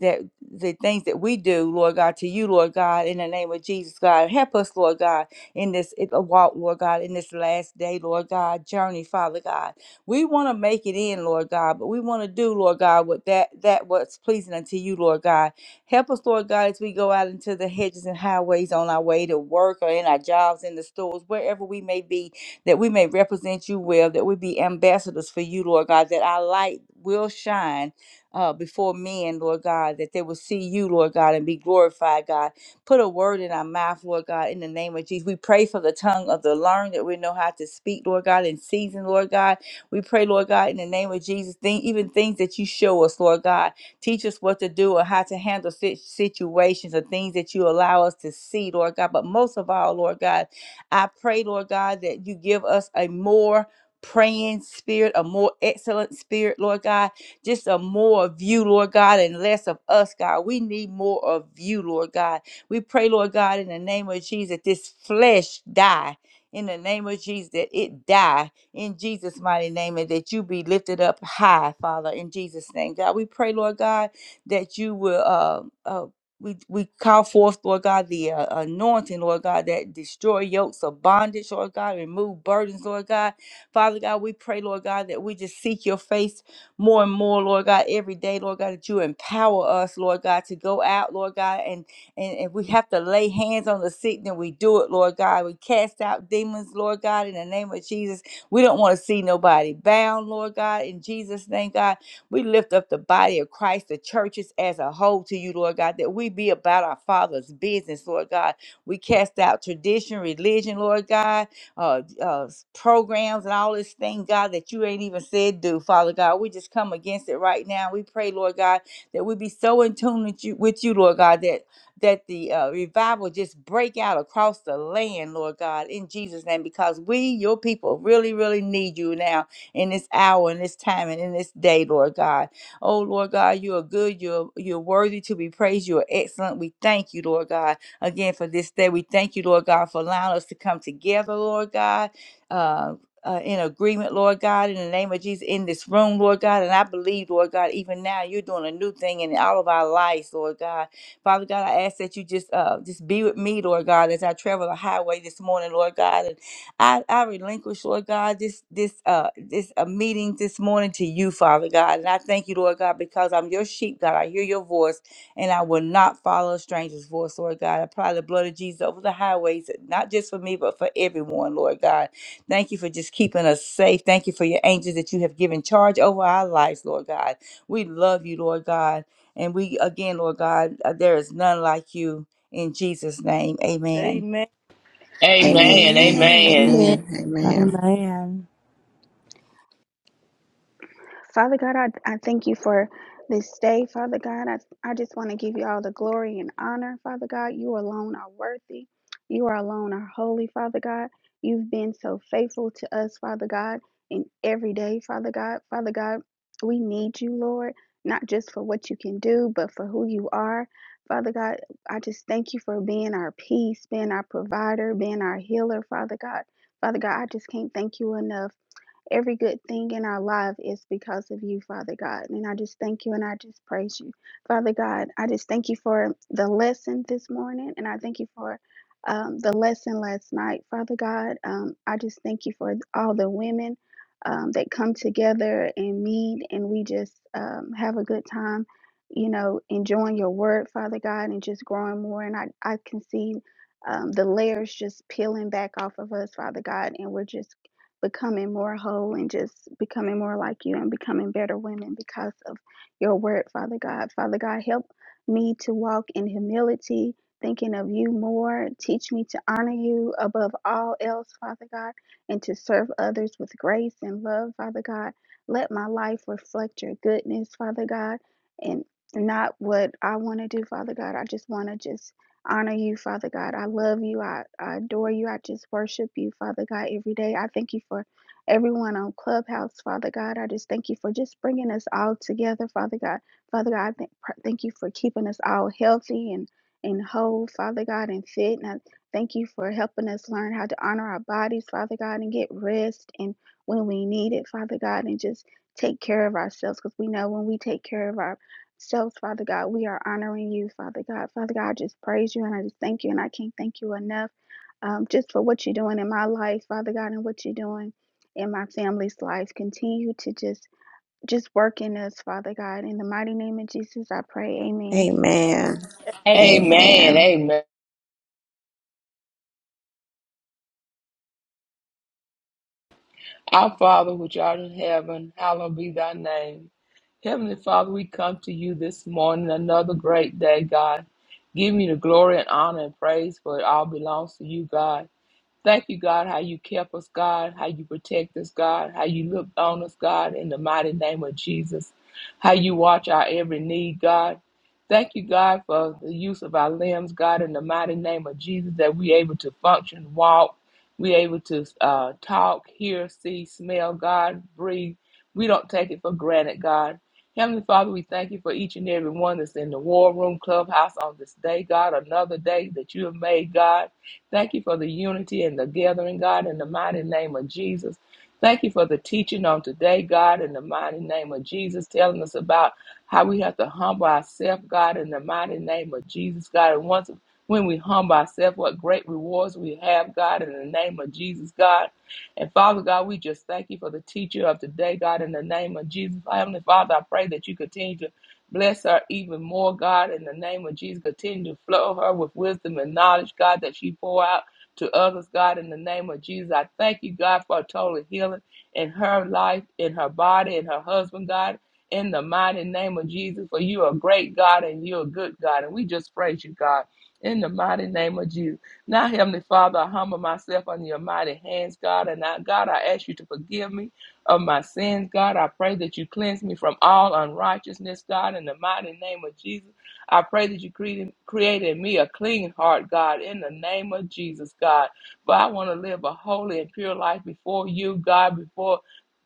[SPEAKER 3] that the things that we do, Lord God, to you, Lord God, in the name of Jesus, God, help us, Lord God, in this i- walk, Lord God, in this last day, Lord God, journey, Father God. We want to make it in, Lord God, but we want to do, Lord God, what that that what's pleasing unto you, Lord God. Help us, Lord God, as we go out into the hedges and highways on our way to work or in our jobs, in the stores, wherever we may be, that we may represent you well, that we be ambassadors for you, Lord God, that our light will shine uh, before men, Lord God, that they will see you, Lord God, and be glorified, God. Put a word in our mouth, Lord God, in the name of Jesus. We pray for the tongue of the learned that we know how to speak, Lord God, in season, Lord God. We pray, Lord God, in the name of Jesus, thing, even things that you show us, Lord God. Teach us what to do or how to handle sit- situations or things that you allow us to see, Lord God. But most of all, Lord God, I pray, Lord God, that you give us a more praying spirit, a more excellent spirit, Lord God just a more of you, Lord God, and less of us, God. We need more of you, Lord God. We pray, Lord God, in the name of Jesus, that this flesh die. In the name of Jesus, that it die in Jesus' mighty name, and that you be lifted up high, Father, in Jesus' name. God, we pray, Lord God, that you will uh, uh, we we call forth, Lord God, the uh, anointing, Lord God, that destroy yokes of bondage, Lord God, remove burdens, Lord God. Father God, we pray, Lord God, that we just seek your face more and more, Lord God, every day, Lord God, that you empower us, Lord God, to go out, Lord God, and and if we have to lay hands on the sick, then we do it, Lord God. We cast out demons, Lord God, in the name of Jesus. We don't want to see nobody bound, Lord God, in Jesus' name, God. We lift up the body of Christ, the churches as a whole to you, Lord God, that we be about our Father's business, Lord God. We cast out tradition, religion, Lord God uh, uh, programs and all this thing, God, that you ain't even said do, Father God. We just come against it right now. We pray, Lord God, that we be so in tune with you, with you Lord God, that that the uh, revival just break out across the land, Lord God, in Jesus' name, because we, your people, really, really need you now in this hour, in this time, and in this day, Lord God. Oh, Lord God, you are good. You're you're worthy to be praised. You are excellent. We thank you, Lord God again for this day. We thank you, Lord God, for allowing us to come together, Lord God. Uh, uh, in agreement, Lord God, in the name of Jesus, in this room, Lord God. And I believe, Lord God, even now you're doing a new thing in all of our lives, Lord God. Father God, I ask that you just uh, just be with me, Lord God, as I travel the highway this morning, Lord God. And I, I relinquish, Lord God, this this uh this uh, meeting this morning to you, Father God. And I thank you, Lord God, because I'm your sheep, God. I hear your voice and I will not follow a stranger's voice, Lord God. I apply the blood of Jesus over the highways, not just for me, but for everyone, Lord God. Thank you for just keeping us safe. Thank you for your angels that you have given charge over our lives, Lord God. We love you, Lord God. And we, again, Lord God, uh, there is none like you. In Jesus' name, amen.
[SPEAKER 2] Amen.
[SPEAKER 5] Amen. Amen.
[SPEAKER 4] Amen.
[SPEAKER 6] Amen.
[SPEAKER 4] Amen.
[SPEAKER 1] Amen.
[SPEAKER 6] Amen.
[SPEAKER 5] Amen.
[SPEAKER 7] Amen.
[SPEAKER 6] Father God, I, I thank you for this day. Father God, I, I just want to give you all the glory and honor. Father God, you alone are worthy. You are alone are holy, Father God. You've been so faithful to us, Father God, in every day, Father God. Father God, we need you, Lord, not just for what you can do, but for who you are. Father God, I just thank you for being our peace, being our provider, being our healer, Father God. Father God, I just can't thank you enough. Every good thing in our life is because of you, Father God. And I just thank you and I just praise you. Father God, I just thank you for the lesson this morning and I thank you for um, the lesson last night, Father God. Um, I just thank you for all the women um, that come together and meet and we just um, have a good time, you know, enjoying your word, Father God, and just growing more. And I, I can see um, the layers just peeling back off of us, Father God, and we're just becoming more whole and just becoming more like you and becoming better women because of your word, Father God. Father God, help me to walk in humility, thinking of you more. Teach me to honor you above all else, Father God, and to serve others with grace and love, Father God. Let my life reflect your goodness, Father God, and not what I want to do, Father God. I just want to just honor you, Father God. I love you. I, I adore you. I just worship you, Father God, every day. I thank you for everyone on Clubhouse, Father God. I just thank you for just bringing us all together, Father God. Father God, I thank, thank you for keeping us all healthy and, and whole, Father God, and fit. And I thank you for helping us learn how to honor our bodies, Father God, and get rest and when we need it, Father God, and just take care of ourselves because we know when we take care of our so, Father God, we are honoring you, Father God. Father God, I just praise you and I just thank you, and I can't thank you enough um, just for what you're doing in my life, Father God, and what you're doing in my family's life. Continue to just just work in us, Father God. In the mighty name of Jesus, I pray. Amen.
[SPEAKER 3] Amen.
[SPEAKER 4] Amen. Amen. Our Father, which art in heaven, hallowed be thy name. Heavenly Father, we come to you this morning, another great day, God. Give you the glory and honor and praise, for it all belongs to you, God. Thank you, God, how you kept us, God, how you protect us, God, how you looked on us, God, in the mighty name of Jesus, how you watch our every need, God. Thank you, God, for the use of our limbs, God, in the mighty name of Jesus, that we able to function, walk, we able to uh, talk, hear, see, smell, God, breathe. We don't take it for granted, God. Heavenly Father, we thank you for each and every one that's in the war room clubhouse on this day, God, another day that you have made, God. Thank you for the unity and the gathering, God, in the mighty name of Jesus. Thank you for the teaching on today, God, in the mighty name of Jesus, telling us about how we have to humble ourselves, God, in the mighty name of Jesus, God. And once when we humble ourselves, what great rewards we have, God, in the name of Jesus, God. And Father God, we just thank you for the teacher of today, God, in the name of Jesus. Heavenly Father, I pray that you continue to Bless her even more, God, in the name of Jesus. Continue to flow her with wisdom and knowledge, God, that she pour out to others, God, in the name of Jesus. I thank you, God, for a total healing in her life, in her body, in her husband, God. In the mighty name of Jesus, for you are a great God and you're a good God. And we just praise you, God, in the mighty name of Jesus. Now, Heavenly Father, I humble myself under your mighty hands, God. And I, God, I ask you to forgive me of my sins, God. I pray that you cleanse me from all unrighteousness, God, in the mighty name of Jesus. I pray that you created, created me a clean heart, God, in the name of Jesus, God. But I want to live a holy and pure life before you, God, before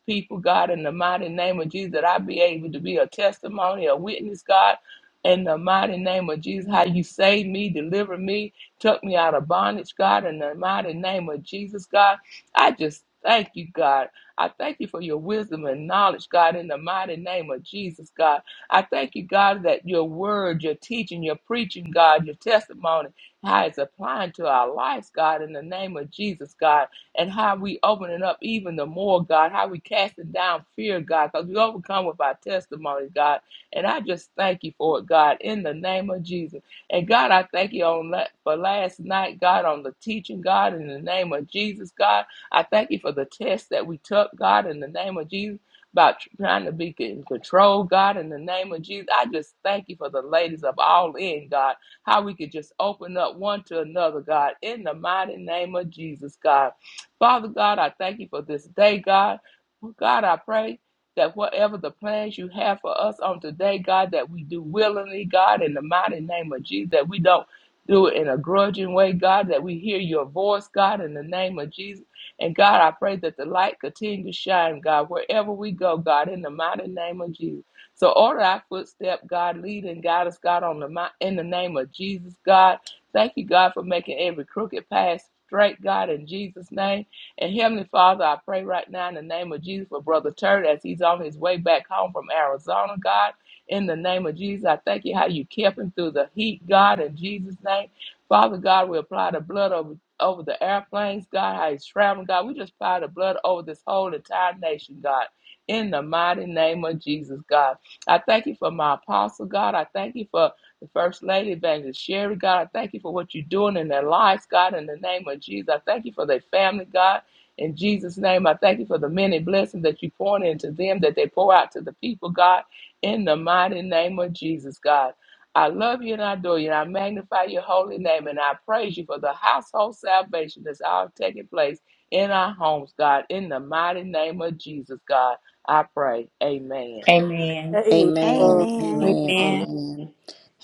[SPEAKER 4] people, God, in the mighty name of Jesus, that I be able to be a testimony, a witness, God. In the mighty name of Jesus, how you saved me, delivered me, took me out of bondage, God. In the mighty name of Jesus, God, I just thank you, God. I thank you for your wisdom and knowledge, God, in the mighty name of Jesus, God. I thank you, God, that your word, your teaching, your preaching, God, your testimony, how it's applying to our lives, God, in the name of Jesus, God, and how we opening up even the more, God, how we casting down fear, God, because we overcome with our testimony, God. And I just thank you for it, God, in the name of Jesus. And God, I thank you on la- for last night, God, on the teaching, God, in the name of Jesus, God. I thank you for the test that we took, God, in the name of Jesus, about trying to be in control, God, in the name of Jesus. I just thank you for the ladies of all in, God, how we could just open up one to another, God, in the mighty name of Jesus, God. Father God, I thank you for this day, God. Well, God, I pray that whatever the plans you have for us on today, God, that we do willingly, God, in the mighty name of Jesus, that we don't do it in a grudging way, God, that we hear your voice, God, in the name of Jesus and God, I pray that the light continue to shine, God, wherever we go, God, in the mighty name of Jesus. So order our footstep, God, lead and guide us, God, on the mi- in the name of Jesus, God. Thank you, God, for making every crooked path straight, God, in Jesus' name. And Heavenly Father, I pray right now in the name of Jesus for Brother Turd as he's on his way back home from Arizona, God. In the name of Jesus, I thank you how you kept him through the heat, God, in Jesus' name. Father God, we apply the blood of over the airplanes, God, how he's traveling, God. We just apply the blood over this whole entire nation, God. In the mighty name of Jesus, God. I thank you for my apostle, God. I thank you for the First Lady, Evangelist Sherry, God. I thank you for what you're doing in their lives, God, in the name of Jesus. I thank you for their family, God. In Jesus' name, I thank you for the many blessings that you pour into them, that they pour out to the people, God, in the mighty name of Jesus, God. I love you and I adore you and I magnify your holy name and I praise you for the household salvation that's all taking place in our homes, God. In the mighty name of Jesus, God, I pray. Amen.
[SPEAKER 3] Amen.
[SPEAKER 5] Amen.
[SPEAKER 2] Amen.
[SPEAKER 5] Amen.
[SPEAKER 6] Amen.
[SPEAKER 5] Amen.
[SPEAKER 1] Amen.
[SPEAKER 5] Amen.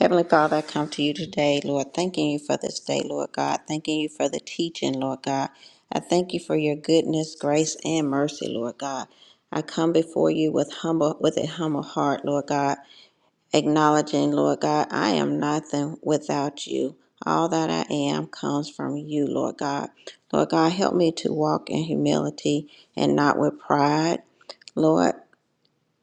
[SPEAKER 5] Heavenly Father, I come to you today, Lord, thanking you for this day, Lord God. Thanking you for the teaching, Lord God. I thank you for your goodness, grace, and mercy, Lord God. I come before you with humble with a humble heart, Lord God. acknowledging, Lord God, I am nothing without you. All that I am comes from you, Lord God. Lord God, help me to walk in humility and not with pride. Lord,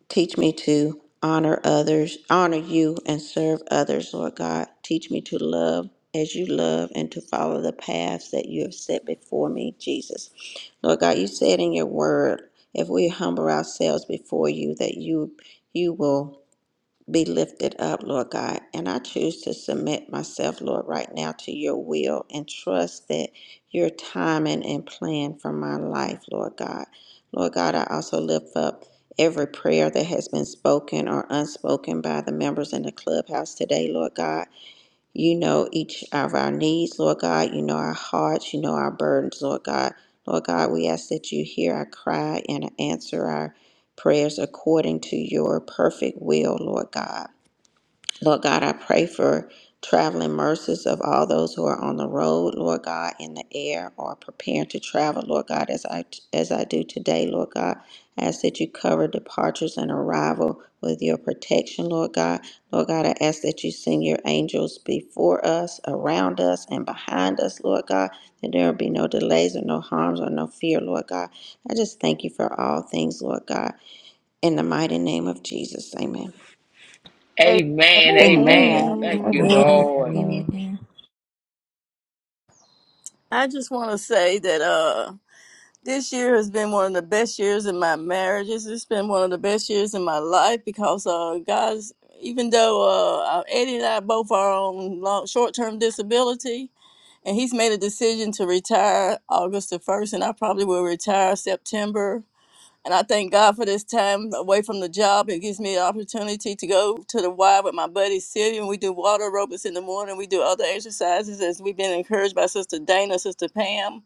[SPEAKER 5] teach me to honor others, honor you, and serve others, Lord God. Teach me to love as you love and to follow the paths that you have set before me, Jesus. Lord God, you said in your word, if we humble ourselves before you, that you you will be lifted up, Lord God. And I choose to submit myself, Lord, right now to your will and trust that your timing and plan for my life, Lord God. Lord God, I also lift up every prayer that has been spoken or unspoken by the members in the clubhouse today, Lord God. You know each of our needs, Lord God. You know our hearts. You know our burdens, Lord God. Lord God, we ask that you hear our cry and answer our prayers according to your perfect will, Lord God. Lord God, I pray for traveling mercies of all those who are on the road, Lord God, in the air or preparing to travel, Lord God, as I as I do today, Lord God. I ask that you cover departures and arrival with your protection, Lord God. Lord God, I ask that you send your angels before us, around us, and behind us, Lord God, that there will be no delays or no harms or no fear, Lord God. I just thank you for all things, Lord God. In the mighty name of Jesus, amen.
[SPEAKER 2] Amen.
[SPEAKER 4] Amen. Amen.
[SPEAKER 3] Amen.
[SPEAKER 4] Thank you,
[SPEAKER 6] Amen.
[SPEAKER 7] Amen,
[SPEAKER 1] Amen.
[SPEAKER 4] Lord.
[SPEAKER 1] Amen.
[SPEAKER 2] I just want to say that. uh This year has been one of the best years in my marriages. It's been one of the best years in my life because uh, God's, even though uh, uh, Eddie and I both are on long, short-term disability, and he's made a decision to retire August the 1st, and I probably will retire September. And I thank God for this time away from the job. It gives me an opportunity to go to the Y with my buddy Sylvia, and we do water aerobics in the morning. We do other exercises as we've been encouraged by Sister Dana, Sister Pam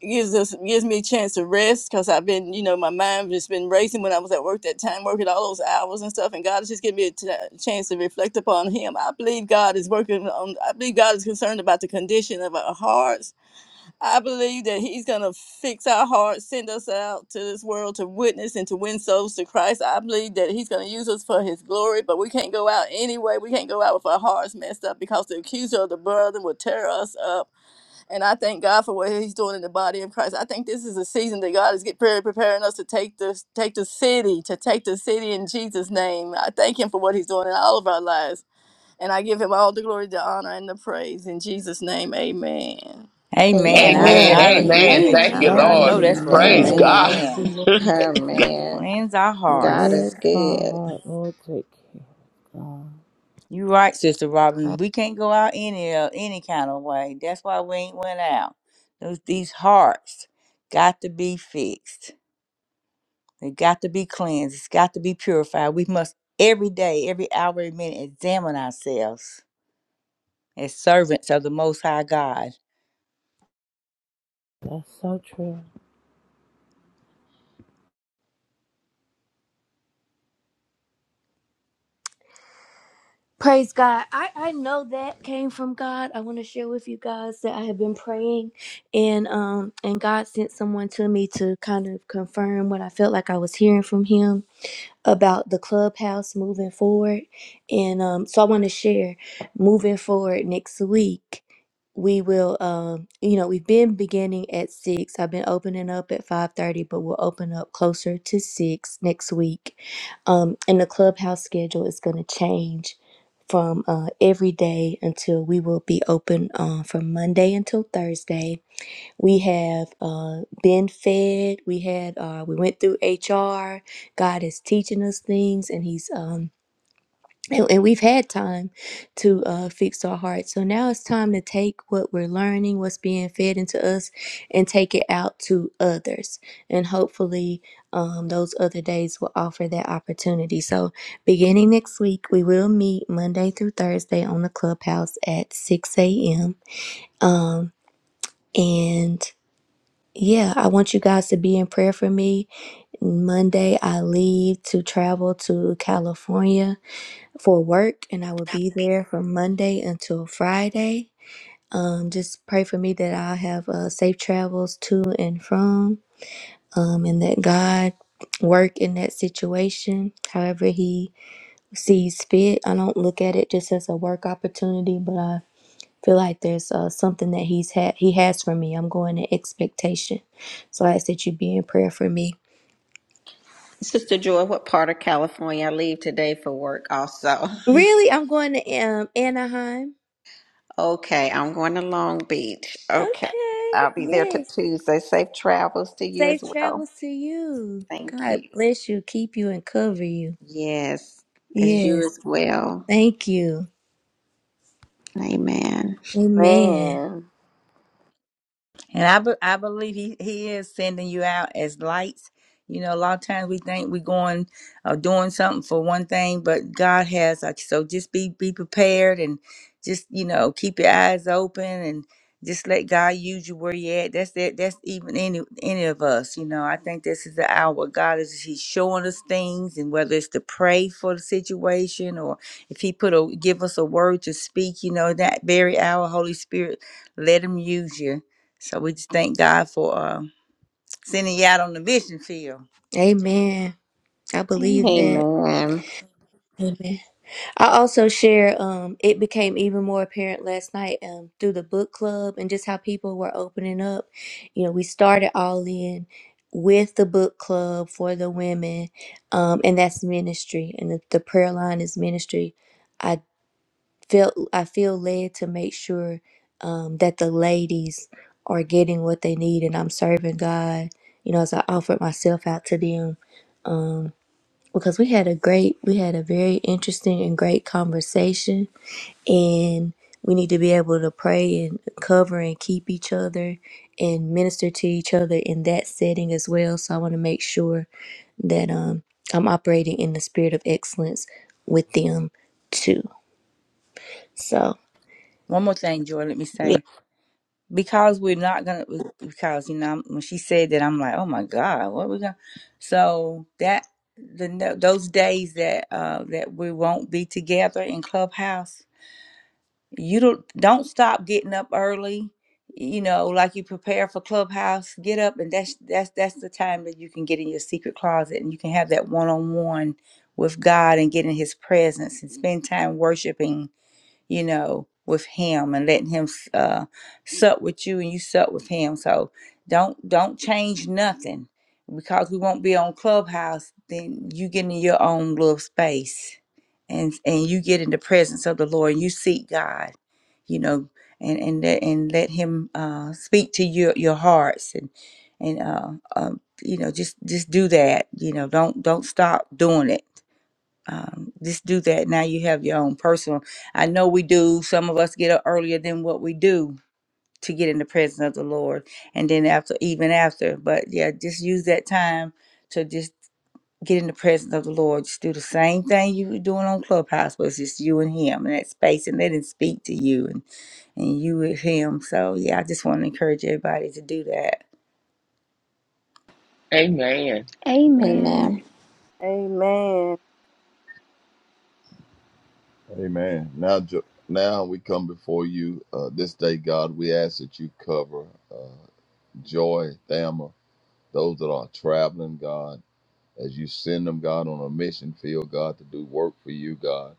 [SPEAKER 2] gives us gives me a chance to rest because I've been, you know, my mind just been racing when I was at work that time, working all those hours and stuff. And God has just given me a t- chance to reflect upon Him. I believe God is working on. I believe God is concerned about the condition of our hearts. I believe that He's gonna fix our hearts, send us out to this world to witness and to win souls to Christ. I believe that He's gonna use us for His glory. But we can't go out anyway. We can't go out with our hearts messed up because the accuser of the brother will tear us up and I thank God for what He's doing in the body of Christ. I think this is a season that God is get pre- preparing us to take this, take the city, to take the city in Jesus' name. I thank Him for what He's doing in all of our lives, and I give Him all the glory, the honor, and the praise in Jesus' name. Amen.
[SPEAKER 3] Amen.
[SPEAKER 5] Amen.
[SPEAKER 3] I,
[SPEAKER 4] Amen.
[SPEAKER 3] I agree
[SPEAKER 4] Amen.
[SPEAKER 5] Amen.
[SPEAKER 3] with
[SPEAKER 4] Thank
[SPEAKER 7] Lord.
[SPEAKER 3] you.
[SPEAKER 4] you,
[SPEAKER 6] Amen.
[SPEAKER 3] I know
[SPEAKER 4] Lord.
[SPEAKER 3] that's
[SPEAKER 5] Hallelujah.
[SPEAKER 3] what's,
[SPEAKER 4] Praise
[SPEAKER 7] Amen.
[SPEAKER 4] God.
[SPEAKER 7] Thank
[SPEAKER 5] Amen.
[SPEAKER 7] you,
[SPEAKER 3] amen.
[SPEAKER 7] Lord.
[SPEAKER 5] Amen.
[SPEAKER 3] Cleanse our
[SPEAKER 5] God
[SPEAKER 3] hearts.
[SPEAKER 5] is
[SPEAKER 7] Bless my
[SPEAKER 5] good.
[SPEAKER 7] heart, Lord. Take care, God.
[SPEAKER 3] You're right, Sister Robin. We can't go out any uh, any kind of way. That's why we ain't went out. Those these hearts got to be fixed. They got to be cleansed. It's got to be purified. We must every day, every hour, every minute examine ourselves as servants of the Most High God.
[SPEAKER 7] That's so true.
[SPEAKER 1] Praise God. I, I know that came from God. I want to share with you guys that I have been praying and um and God sent someone to me to kind of confirm what I felt like I was hearing from him. about the clubhouse moving forward. And um, so I want to share moving forward next week. We will, um, you know, we've been beginning at six. I've been opening up at five thirty, but we'll open up closer to six next week. Um, and the clubhouse schedule is going to change from uh, every day until we will be open uh, from Monday until Thursday we have uh, been fed. We had uh, we went through HR. God is teaching us things, and He's um, and, and we've had time to uh, fix our hearts. So now it's time to take what we're learning, what's being fed into us, and take it out to others. And hopefully, um, those other days will offer that opportunity. So beginning next week, we will meet Monday through Thursday on the clubhouse at six a.m. and yeah, I want you guys to be in prayer for me. Monday, I leave to travel to California for work, and I will be there from Monday until Friday. Um, just pray for me that i have uh, safe travels to and from, um, and that God work in that situation however he sees fit i don't look at it just as a work opportunity but I feel like there's uh, something that he's had he has for me i'm going in expectation so i ask that you be in prayer for me
[SPEAKER 5] Sister Joy, what part of California I leave today for work also?
[SPEAKER 1] really i'm going to um, anaheim
[SPEAKER 5] Okay, I'm going to Long Beach. Okay.
[SPEAKER 1] okay
[SPEAKER 5] I'll be there till
[SPEAKER 1] yes
[SPEAKER 5] Tuesday. Safe travels to you
[SPEAKER 1] safe
[SPEAKER 5] as well.
[SPEAKER 1] travels to you
[SPEAKER 5] Thank
[SPEAKER 1] god
[SPEAKER 5] you.
[SPEAKER 1] bless you keep you and cover you
[SPEAKER 5] Yes, as you
[SPEAKER 1] yes
[SPEAKER 5] as well.
[SPEAKER 1] thank you
[SPEAKER 5] Amen.
[SPEAKER 1] amen
[SPEAKER 2] Man,
[SPEAKER 3] And I, be- I believe he, he is sending you out as lights. You know, a lot of times we think we're going or doing something for one thing, but God has like so just be be prepared and just, you know, keep your eyes open and just let God use you where you at. That's that that's even any any of us, you know. I think this is the hour where God is He's showing us things and whether it's to pray for the situation or if He put a give us a word to speak, you know, that very hour, Holy Spirit, let him use you so we just thank God for uh, sending you out on the mission field.
[SPEAKER 1] amen i believe
[SPEAKER 6] Amen.
[SPEAKER 1] that
[SPEAKER 5] Amen.
[SPEAKER 1] Amen. I also share um it became even more apparent last night um through the book club and just how people were opening up. You know, we started all in with the book club for the women um and that's ministry and the, the prayer line is ministry. I felt I feel led to make sure um that the ladies are getting what they need and I'm serving God, you know, as I offered myself out to them because we had a great, we had a very interesting and great conversation. And we need to be able to pray and cover and keep each other and minister to each other in that setting as well. So I want to make sure that um, I'm operating in the spirit of excellence with them too. So,
[SPEAKER 3] One more thing, Joy, let me say. Because we're not going to, because, you know, I'm- when she said that, I'm like, oh my God, what we going to. So that, the no- those days that uh, that we won't be together in Clubhouse, you don't don't stop getting up early you know like you prepare for clubhouse get up and that's that's that's the time that you can get in your secret closet and you can have that one-on-one with god and get in his presence and spend time worshiping you know, with him and letting him s- uh, sup with you and you sup with him. So don't don't change nothing because we won't be on Clubhouse. Then you get in your own little space and and you get in the presence of the Lord and you seek God, you know, and and let, and let Him uh, speak to your your hearts and and uh, um, you know just just do that. You know, don't don't stop doing it um, just do that. Now you have your own personal. I know we do. Some of us get up earlier than what we do to get in the presence of the Lord, and then after, even after. But yeah, just use that time to just get in the presence of the Lord. Just do the same thing you were doing on Clubhouse, but it's just you and Him in that space, and let Him speak to you and and you with Him. So yeah, I just want to encourage everybody to do that.
[SPEAKER 4] Amen. Amen.
[SPEAKER 6] Amen.
[SPEAKER 5] Amen. Amen.
[SPEAKER 2] Amen.
[SPEAKER 7] Amen. Now, Jo- now we come before you uh, this day, God. We ask that you cover. uh, Joy, Thamma, those that are traveling, God, as you send them, God, on a mission field, God, to do work for you, God.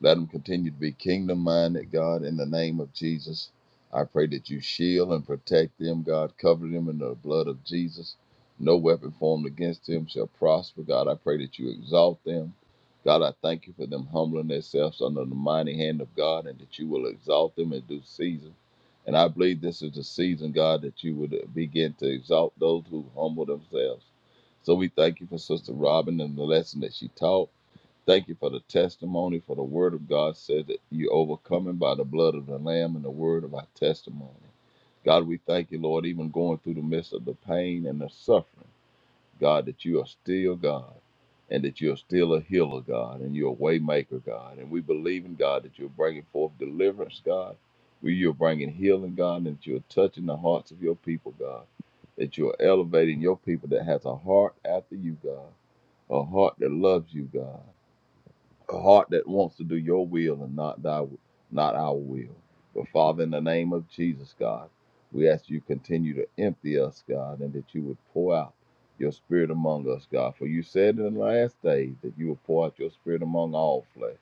[SPEAKER 7] Let them continue to be kingdom minded, God, in the name of Jesus. I pray that you shield and protect them, God. Cover them in the blood of Jesus. No weapon formed against them shall prosper, God. I pray that you exalt them. God, I thank you for them humbling themselves under the mighty hand of God and that you will exalt them in due season. And I believe this is the season, God, that you would begin to exalt those who humble themselves. So we thank you for Sister Robin and the lesson that she taught. Thank you for the testimony, for the word of God said that you overcoming by the blood of the Lamb and the word of our testimony. God, we thank you, Lord, even going through the midst of the pain and the suffering, God, that you are still God and that you're still a healer, God, and you're a waymaker, God. And we believe in God that you're bringing forth deliverance, God. We You're bringing healing, God, and that you're touching the hearts of your people, God. That you're elevating your people that has a heart after you, God, a heart that loves you, God a heart that wants to do your will and not thy not our will. But Father, in the name of Jesus, God, we ask you continue to empty us, God, and that you would pour out your spirit among us, God. For you said in the last days that you will pour out your spirit among all flesh,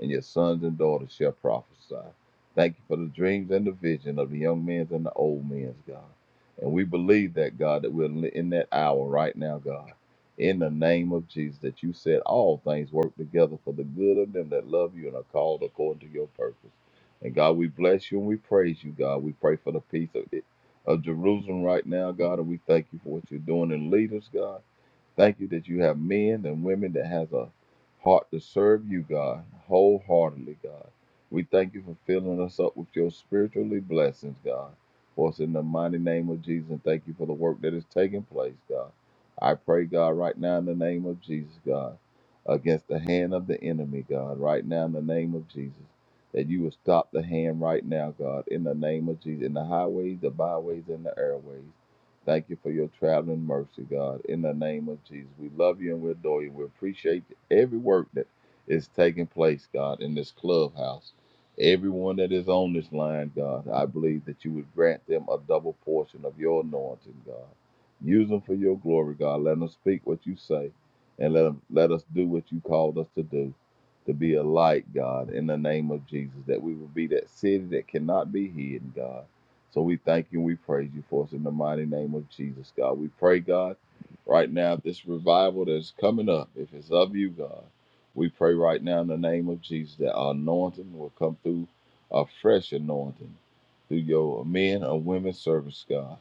[SPEAKER 7] and your sons and daughters shall prophesy. Thank you for the dreams and the vision of the young men's and the old men's, God. And we believe that, God, that we're in that hour right now, God in the name of Jesus, that you said all things work together for the good of them that love you and are called according to your purpose. And God, we bless you and we praise you, God. We pray for the peace of, of Jerusalem right now, God, and we thank you for what you're doing in leaders, God. Thank you that you have men and women that has a heart to serve you, God, wholeheartedly, God. We thank you for filling us up with your spiritually blessings, God. For us in the mighty name of Jesus, and thank you for the work that is taking place, God. I pray, God, right now in the name of Jesus, God, against the hand of the enemy, God, right now in the name of Jesus, that you will stop the hand right now, God, in the name of Jesus, in the highways, the byways, and the airways. Thank you for your traveling mercy, God. In the name of Jesus, we love you and we adore you. We appreciate every work that is taking place, God, in this clubhouse. Everyone that is on this line, God, I believe that you would grant them a double portion of your anointing, God. Use them for your glory, God. Let them speak what you say and let, them, let us do what you called us to do to be a light, God, in the name of Jesus, that we will be that city that cannot be hidden, God so we thank you and we praise you for us in the mighty name of Jesus, God. We pray, God, right now, if this revival that's coming up, if it's of you, God, we pray right now in the name of Jesus that our anointing will come through a fresh anointing through your men and women service, God.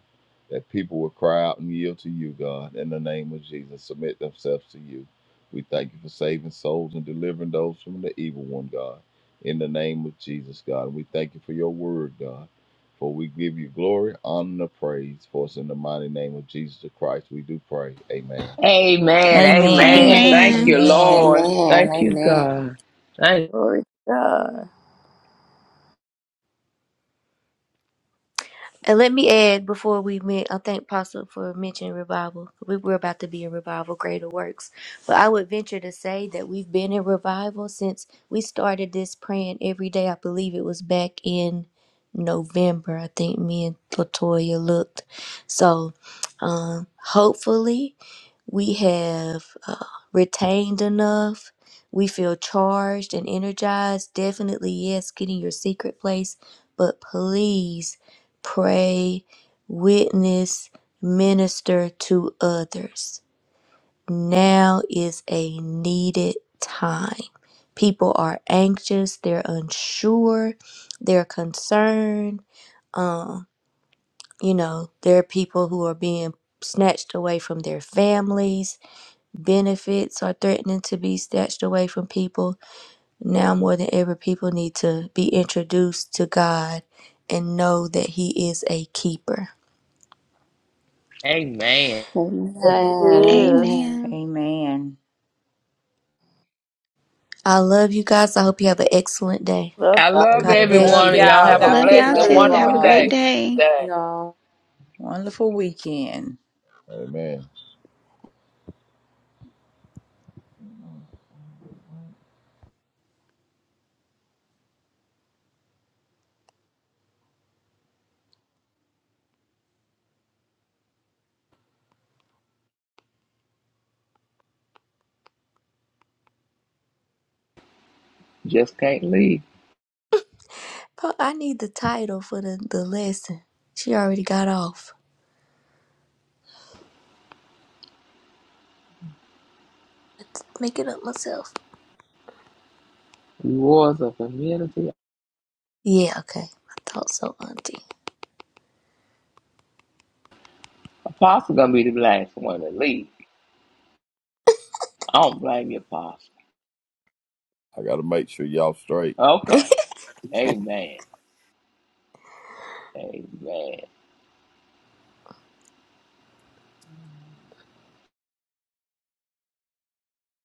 [SPEAKER 7] That people will cry out and yield to you, God, in the name of Jesus, submit themselves to you. We thank you for saving souls and delivering those from the evil one, God, in the name of Jesus, God. And we thank you for your word, God. For we give you glory, honor, and praise. For us, in the mighty name of Jesus Christ we do pray. Amen.
[SPEAKER 4] Amen.
[SPEAKER 3] Amen.
[SPEAKER 4] Amen.
[SPEAKER 1] yeah.
[SPEAKER 4] Thank
[SPEAKER 6] Amen.
[SPEAKER 4] you,
[SPEAKER 3] Amen.
[SPEAKER 4] Lord. Thank you,
[SPEAKER 5] Amen.
[SPEAKER 4] God. Thank-
[SPEAKER 2] Glory to God.
[SPEAKER 1] And let me add before we meet, I thank Pastor for mentioning revival. We were about to be in revival, greater works. But I would venture to say that we've been in revival since we started this praying every day. I believe it was back in November. I think me and Latoya looked. So um, hopefully we have uh, retained enough. We feel charged and energized. Definitely, yes, get in your secret place, but please pray, witness, minister to others. Now is a needed time. People are anxious, they're unsure, they're concerned. You know, there are people who are being snatched away from their families Benefits are threatening to be snatched away from people. Now more than ever, people need to be introduced to God and know that He is a keeper.
[SPEAKER 4] Amen.
[SPEAKER 5] Amen.
[SPEAKER 2] Yes, it is.
[SPEAKER 5] Amen.
[SPEAKER 6] Amen.
[SPEAKER 3] Amen.
[SPEAKER 1] I love you guys. I hope you have an excellent day.
[SPEAKER 2] Love
[SPEAKER 4] I love
[SPEAKER 1] God
[SPEAKER 7] Amen. God
[SPEAKER 1] bless
[SPEAKER 3] Love
[SPEAKER 4] everyone,
[SPEAKER 1] you.
[SPEAKER 4] and
[SPEAKER 7] bless
[SPEAKER 4] y'all
[SPEAKER 3] y'all.
[SPEAKER 4] have a
[SPEAKER 7] y'all.
[SPEAKER 3] God
[SPEAKER 6] Love
[SPEAKER 5] all.
[SPEAKER 3] bless
[SPEAKER 4] blessed
[SPEAKER 6] y'all
[SPEAKER 3] you.
[SPEAKER 2] y'all.
[SPEAKER 4] and
[SPEAKER 5] Love
[SPEAKER 3] Have a
[SPEAKER 6] too.
[SPEAKER 5] you
[SPEAKER 4] wonderful
[SPEAKER 6] Have a great
[SPEAKER 3] wonderful
[SPEAKER 4] day
[SPEAKER 5] all.
[SPEAKER 6] day.
[SPEAKER 5] Love
[SPEAKER 4] today.
[SPEAKER 5] you all.
[SPEAKER 3] Wonderful weekend.
[SPEAKER 7] Amen. I
[SPEAKER 4] Just can't leave.
[SPEAKER 1] Bro, I need the title for the, the lesson. She already got off. Let's Make it up myself.
[SPEAKER 4] Rewards of community.
[SPEAKER 1] Yeah, okay. I thought so, Auntie.
[SPEAKER 4] Apostle gonna be the last one to leave. I don't blame you, Apostle.
[SPEAKER 7] got to make sure y'all straight.
[SPEAKER 4] Okay. Amen. Amen.